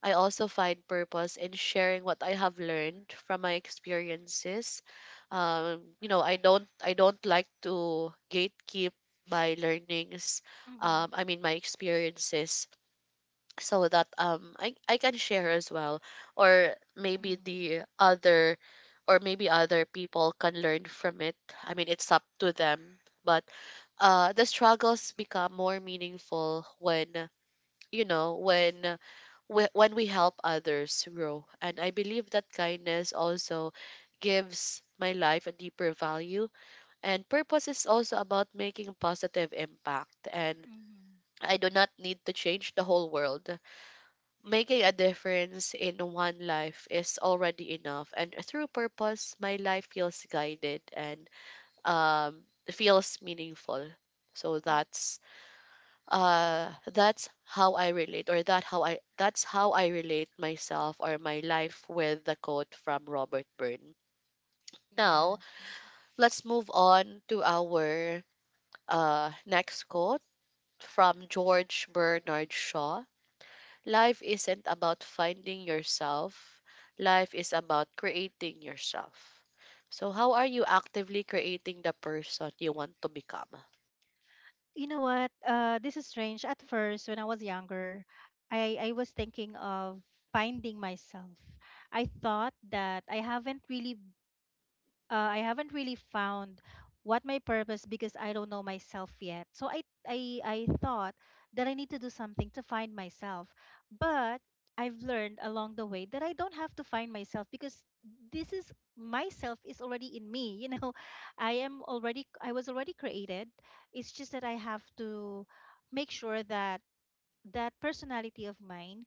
Speaker 1: I also find purpose in sharing what I have learned from my experiences. You know, I don't like to gatekeep my learnings.
Speaker 2: Mm-hmm.
Speaker 1: I mean my experiences so that um, I can share as well, or maybe
Speaker 2: Mhm.
Speaker 1: the other, or maybe other people can learn from it. I mean it's up to them, but the struggles become more meaningful when you know when when we help others grow, and I believe that kindness also gives my life a deeper value. And purpose is also about making a positive impact, and
Speaker 2: Mhm.
Speaker 1: I do not need to change the whole world. Making a difference in one life is already enough. And through purpose, my life feels guided and um, feels meaningful. So
Speaker 2: Mm.
Speaker 1: that's how I relate or that how I that's how I relate myself or my life with the quote from Robert Byrne. Now
Speaker 2: Yeah.
Speaker 1: let's move on to our next quote from George Bernard Shaw. Life isn't about finding yourself. Life is about creating yourself. So, how are you actively creating the person you want to become?
Speaker 2: You know what? This is strange. At first, when I was younger, I was thinking of finding myself. I thought that I haven't really found what my purpose, because I don't know myself yet. So I thought that I need to do something to find myself. But I've learned along the way that I don't have to find myself because this is myself is already in me. You know, I was already created. It's just that I have to make sure that that personality of mine,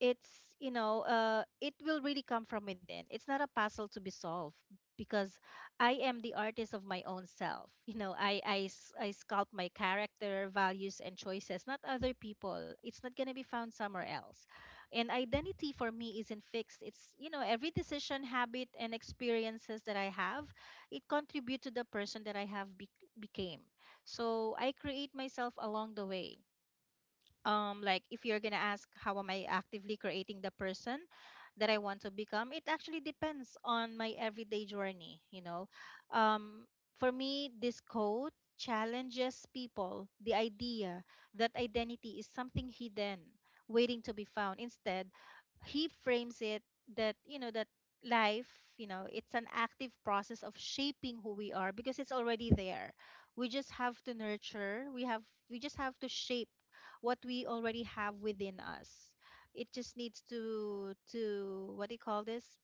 Speaker 2: it's, you know, it will really come from within. It's not a puzzle to be solved, because I am the artist of my own self. You know, I sculpt my character, values, and choices, not other people. It's not going to be found somewhere else. And identity for me isn't fixed. It's, you know, every decision, habit, and experiences that I have, it contribute to the person that I became. So I create myself along the way. Like, if you're gonna ask how am I actively creating the person that I want to become, it actually depends on my everyday journey, you know. um for me, this code challenges people, the idea that identity is something hidden, waiting to be found. Instead, he frames it that, you know, that life, you know, it's an active process of shaping who we are, because it's already there. we just have to nurture we have we just have to shape what we already have within us. It just needs to, what do you call this?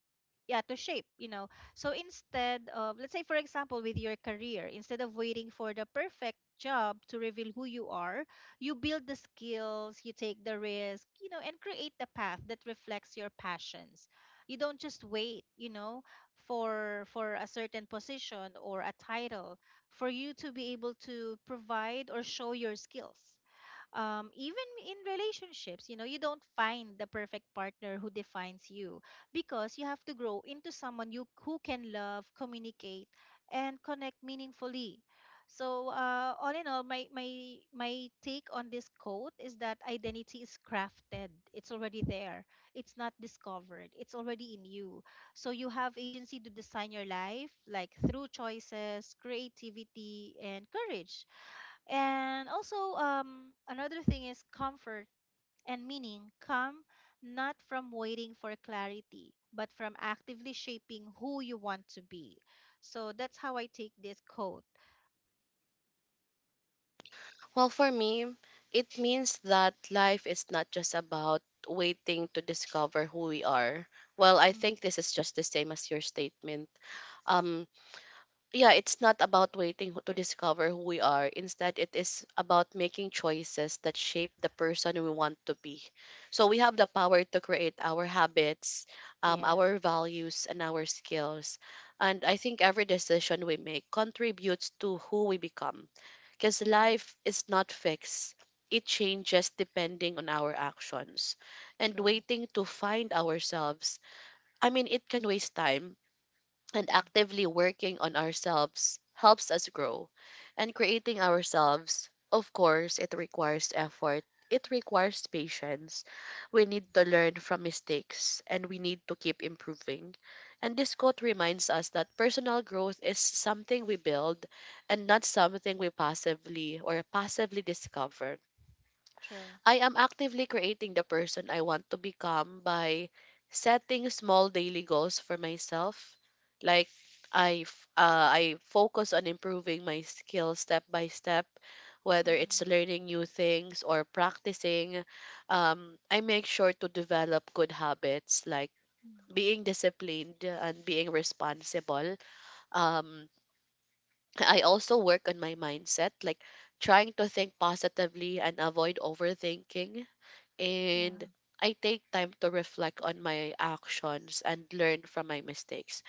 Speaker 2: Yeah, to shape, you know. So instead of, let's say for example with your career, instead of waiting for the perfect job to reveal who you are, you build the skills, you take the risk, you know, and create the path that reflects your passions. You don't just wait, you know, for a certain position or a title for you to be able to provide or show your skills. Even in relationships, you know, you don't find the perfect partner who defines you, because you have to grow into someone you who can love, communicate, and connect meaningfully. So, all in all, my take on this quote is that identity is crafted. It's already there. It's not discovered. It's already in you. So you have agency to design your life, like through choices, creativity, and courage. And also, another thing is comfort and meaning come not from waiting for clarity, but from actively shaping who you want to be. So that's how I take this quote.
Speaker 1: Well, for me, it means that life is not just about waiting to discover who we are. Well, I
Speaker 2: Mm,
Speaker 1: think this is just the same as your statement. Um, yeah, it's not about waiting to discover who we are. Instead, it is about making choices that shape the person we want to be. So we have the power to create our habits,
Speaker 2: yes.
Speaker 1: our values, and our skills. And I think every decision we make contributes to who we become, because
Speaker 2: Mm-hmm.
Speaker 1: life is not fixed. It changes depending on our actions. And
Speaker 2: True.
Speaker 1: waiting to find ourselves, I mean, it can waste time, and
Speaker 2: Mm-hmm.
Speaker 1: actively working on ourselves helps us grow. And creating ourselves, of course, it requires effort. It requires patience. We need to learn from mistakes and we need to keep improving. And this quote reminds us that personal growth is something we build and not something we passively discover.
Speaker 2: True.
Speaker 1: I am actively creating the person I want to become by setting small daily goals for myself. Like I focus on improving my skills step by step, whether it's
Speaker 2: Mm-hmm.
Speaker 1: learning new things or practicing. I make sure to develop good habits like
Speaker 2: Mm-hmm.
Speaker 1: being disciplined and being responsible. Um, I also work on my mindset, like trying to think positively and avoid overthinking, and
Speaker 2: Yeah.
Speaker 1: I take time to reflect on my actions and learn from my mistakes.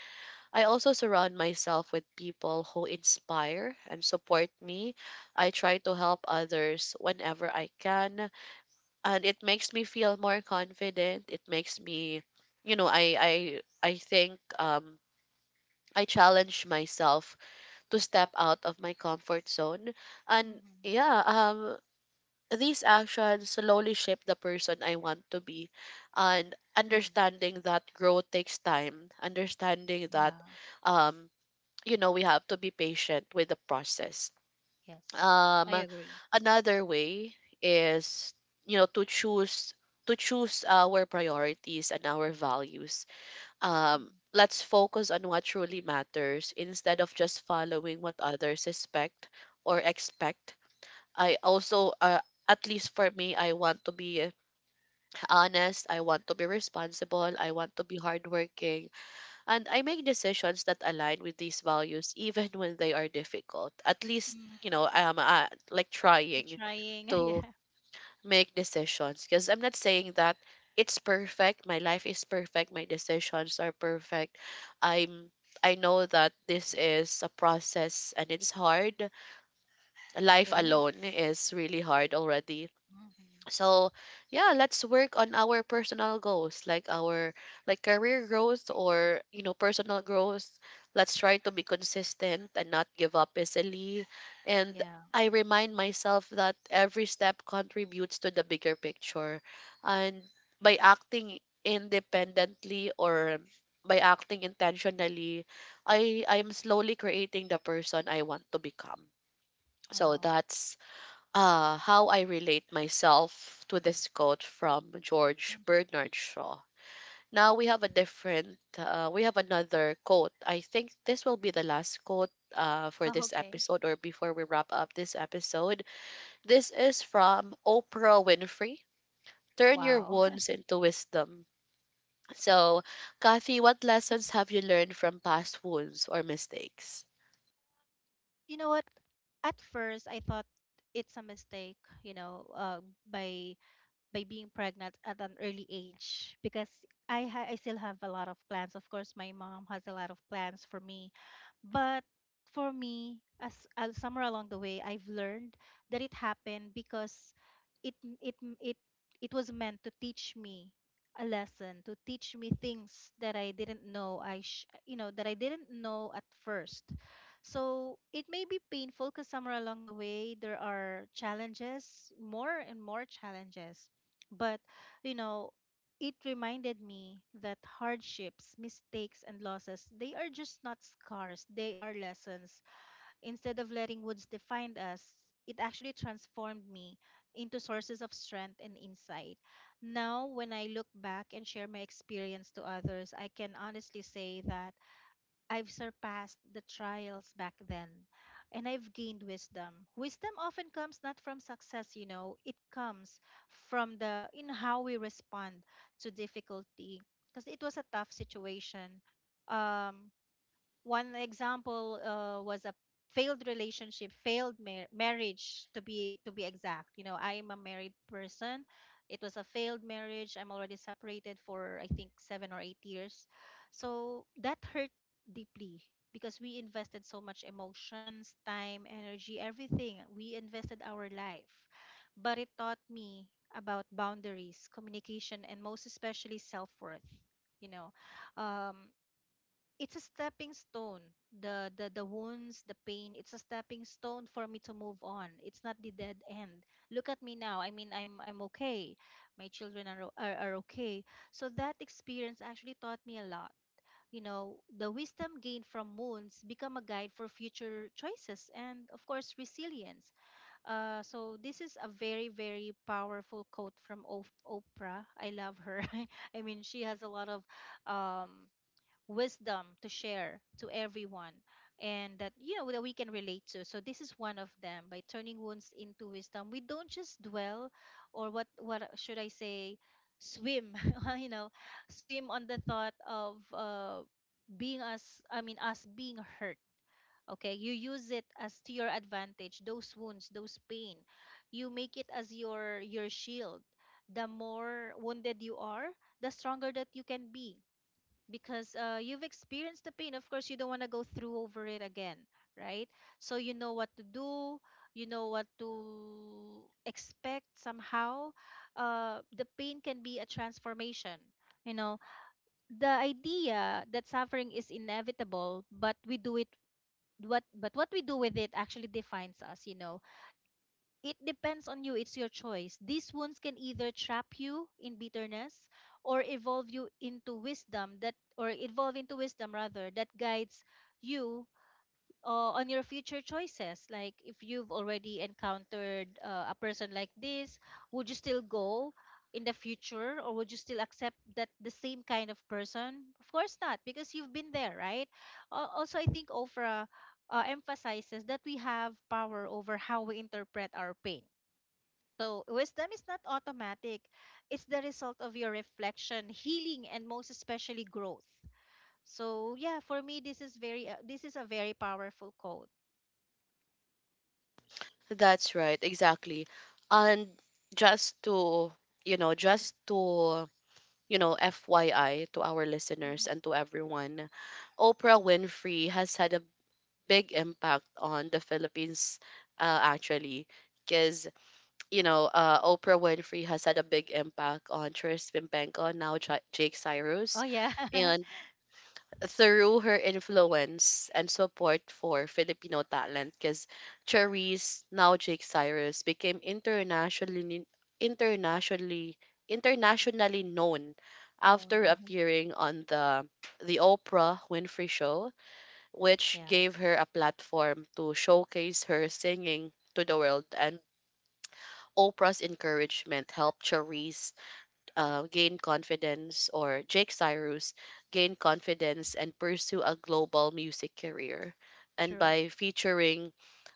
Speaker 1: I also surround myself with people who inspire and support me. I try to help others whenever I can, and it makes me feel more confident. It makes me, you know, I think um, I challenge myself to step out of my comfort zone, and
Speaker 2: Mm-hmm.
Speaker 1: yeah, um, these actions slowly shape the person I want to be. And
Speaker 2: Mm-hmm.
Speaker 1: understanding that growth takes time, understanding that,
Speaker 2: Yeah.
Speaker 1: um, you know, we have to be patient with the process.
Speaker 2: Yes.
Speaker 1: Um,
Speaker 2: I agree.
Speaker 1: another way is, you know, to choose our priorities and our values.
Speaker 2: Mm-hmm.
Speaker 1: Let's focus on what truly matters instead of just following what others expect. I also, at least for me, I want to be honest. I want to be responsible. I want to be hardworking. And I make decisions that align with these values, even when they are difficult. At least, you know,
Speaker 2: Mm-hmm.
Speaker 1: I am like
Speaker 2: They're
Speaker 1: trying
Speaker 2: trying.
Speaker 1: to
Speaker 2: Yeah.
Speaker 1: make decisions, because I'm not saying that it's perfect. My life is perfect. My decisions are perfect. I'm I know that this is a process and it's hard. Life
Speaker 2: It is.
Speaker 1: alone is really hard already,
Speaker 2: Mm-hmm.
Speaker 1: so yeah, let's work on our personal goals, like our like career growth or you know personal growth. Let's try to be consistent and not give up easily, and
Speaker 2: Yeah.
Speaker 1: I remind myself that every step contributes to the bigger picture. And by acting independently or by acting intentionally, I'm slowly creating the person I want to become. So
Speaker 2: Wow.
Speaker 1: that's how I relate myself to this quote from George
Speaker 2: Mm.
Speaker 1: Bernard Shaw. Now we have a different, we have another quote. I think this will be the last quote for
Speaker 2: Oh,
Speaker 1: this
Speaker 2: okay.
Speaker 1: episode or before we wrap up this episode. This is from Oprah Winfrey. Turn your
Speaker 2: Wow.
Speaker 1: wounds into wisdom. So, Kathy, what lessons have you learned from past wounds or mistakes?
Speaker 2: You know what? At first, I thought it's a mistake, you know, by by being pregnant at an early age, because I still have a lot of plans. Of course, my mom has a lot of plans for me, but for me, as somewhere along the way, I've learned that it happened because it it it it was meant to teach me a lesson, to teach me things that I didn't know you know, that I didn't know at first. So it may be painful because somewhere along the way there are challenges, more and more challenges. But, you know, it reminded me that hardships, mistakes, and losses, they are just not scars, they are lessons. Instead of letting woods define us, it actually transformed me into sources of strength and insight. Now, when I look back and share my experience to others, I can honestly say that I've surpassed the trials back then, and I've gained wisdom. Wisdom often comes not from success, you know, it comes from the in how we respond to difficulty, because it was a tough situation. Um, One example was a failed relationship, failed marriage, to be exact. You know, I am a married person. It was a failed marriage. I'm already separated for I think 7 or 8 years. So that hurt deeply, because we invested so much: emotions, time, energy, everything. We invested our life. But it taught me about boundaries, communication, and most especially self-worth, you know. um, it's a stepping stone. The wounds, the pain, it's a stepping stone for me to move on. It's not the dead end. Look at me now. I mean, I'm okay. My children are are okay. So that experience actually taught me a lot. You know, the wisdom gained from wounds become a guide for future choices and of course resilience. So this is a very very powerful quote from Oprah. I love her. I mean, she has a lot of um wisdom to share to everyone, and that, you know, that we can relate to. So this is one of them. By turning wounds into wisdom, we don't just dwell, or what should I say, swim you know, swim on the thought of being us, I mean us being hurt. Okay, you use it as to your advantage, those wounds, those pain. You make it as your shield. The more wounded you are, the stronger that you can be, because you've experienced the pain. Of course, you don't want to go through over it again, right? So you know what to do, you know what to expect somehow. The pain can be a transformation. You know, the idea that suffering is inevitable, but we do it, what but what we do with it actually defines us, you know. It depends on you, it's your choice. These wounds can either trap you in bitterness or evolve you into wisdom that, or evolve into wisdom rather, that guides you on your future choices. Like, if you've already encountered a person like this, would you still go in the future, or would you still accept that the same kind of person? Of course not, because you've been there, right? Also, I think Ofra emphasizes that we have power over how we interpret our pain. So, wisdom is not automatic. It's the result of your reflection, healing, and most especially growth. So, yeah, for me this is very this is a very powerful quote.
Speaker 1: That's right, exactly. And just to, you know, FYI to our listeners
Speaker 2: Mm-hmm.
Speaker 1: and to everyone, Oprah Winfrey has had a big impact on the Philippines, actually. Because, you know, Oprah Winfrey has had a big impact on Tris Pimpenko, now Jake
Speaker 2: Oh
Speaker 1: Cyrus,
Speaker 2: yeah.
Speaker 1: and through her influence and support for Filipino talent, because Cherise, now Jake Cyrus, became internationally internationally known
Speaker 2: Known.
Speaker 1: after
Speaker 2: Uh-huh.
Speaker 1: appearing on the Oprah Winfrey show, which
Speaker 2: Yeah.
Speaker 1: gave her a platform to showcase her singing to the world. And Oprah's encouragement helped Cherise gain confidence, or Jake Cyrus gain confidence, and pursue a global music career. And
Speaker 2: True.
Speaker 1: by featuring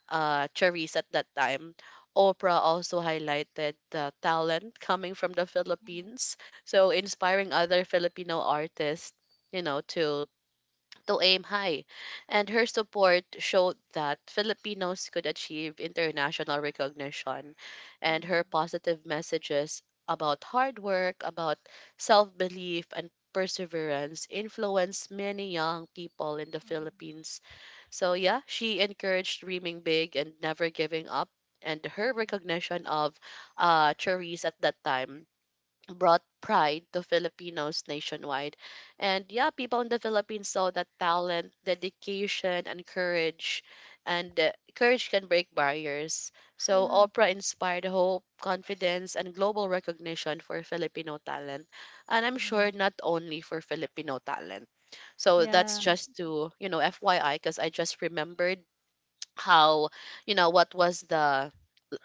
Speaker 1: Charisse at that time, Oprah also highlighted the talent coming from the
Speaker 2: Mm-hmm.
Speaker 1: Philippines, so inspiring other Filipino artists, you know, to aim high, and her support showed that Filipinos could achieve international recognition, and her positive messages about hard work, about self belief, and perseverance influenced many young people in the
Speaker 2: Mm-hmm.
Speaker 1: Philippines. So, yeah, she encouraged dreaming big and never giving up. And her
Speaker 2: Mm-hmm.
Speaker 1: recognition of Cherise at that time brought pride to Filipinos nationwide. And yeah, people in the Philippines saw that talent, dedication, and courage. And courage can break barriers. So
Speaker 2: Yeah.
Speaker 1: Oprah inspired hope, confidence, and global recognition for Filipino talent. And I'm sure
Speaker 2: Mm.
Speaker 1: not only for Filipino talent. So that's
Speaker 2: Yeah.
Speaker 1: just to, you know, FYI, because I just remembered how, you know, what was the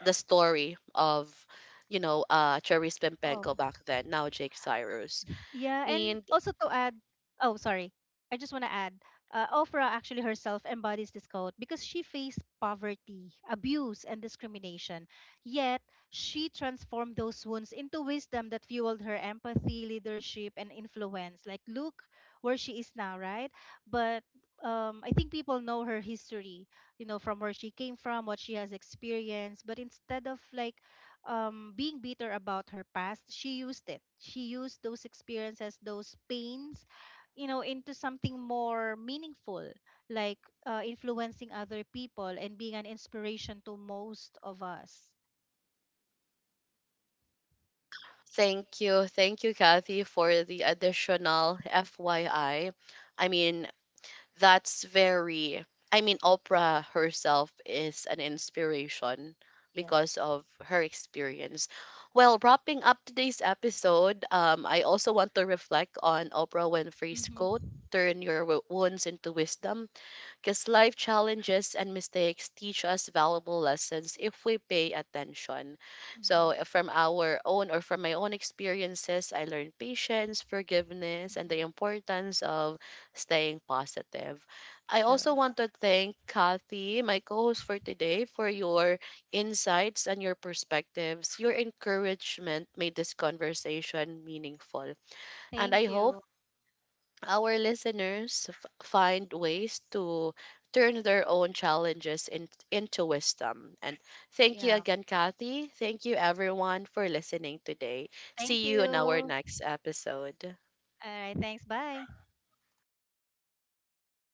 Speaker 1: story of you know uh, Cherry
Speaker 2: Oh.
Speaker 1: Spimpenko back then, now Jake Cyrus.
Speaker 2: Yeah, and
Speaker 1: And
Speaker 2: also to add, oh, sorry, I just want to add, Ofra actually herself embodies this code because she faced poverty, abuse, and discrimination. Yet, she transformed those wounds into wisdom that fueled her empathy, leadership, and influence. Like, look where she is now, right? But I think people know her history, you know, from where she came from, what she has experienced. But instead of like being bitter about her past, she used it. She used those experiences, those pains, you know, into something more meaningful, like influencing other people and being an inspiration to most of us.
Speaker 1: thank you, Kathy, for the additional FYI. I mean, that's very, I mean, Oprah herself is an inspiration
Speaker 2: Yes.
Speaker 1: because of her experience. Well, wrapping up today's episode, I also want to reflect on Oprah Winfrey's quote,
Speaker 2: Mm-hmm.
Speaker 1: turn your wounds into wisdom, because life challenges and mistakes teach us valuable lessons if we pay attention.
Speaker 2: Mm-hmm.
Speaker 1: So, from our own or from my own experiences, I learned patience, forgiveness, and the
Speaker 2: Mm-hmm.
Speaker 1: importance of staying positive. I also
Speaker 2: True.
Speaker 1: want to thank Kathy, my co host for today, for your insights and your perspectives. Your encouragement made this conversation meaningful. And
Speaker 2: Thank
Speaker 1: I hope
Speaker 2: you.
Speaker 1: our listeners find ways to turn their own challenges into wisdom. And thank you
Speaker 2: Yeah.
Speaker 1: again, Kathy. Thank you, everyone, for listening today.
Speaker 2: Thank
Speaker 1: See
Speaker 2: you.
Speaker 1: you in our
Speaker 2: All
Speaker 1: next episode.
Speaker 2: right. Thanks. Bye.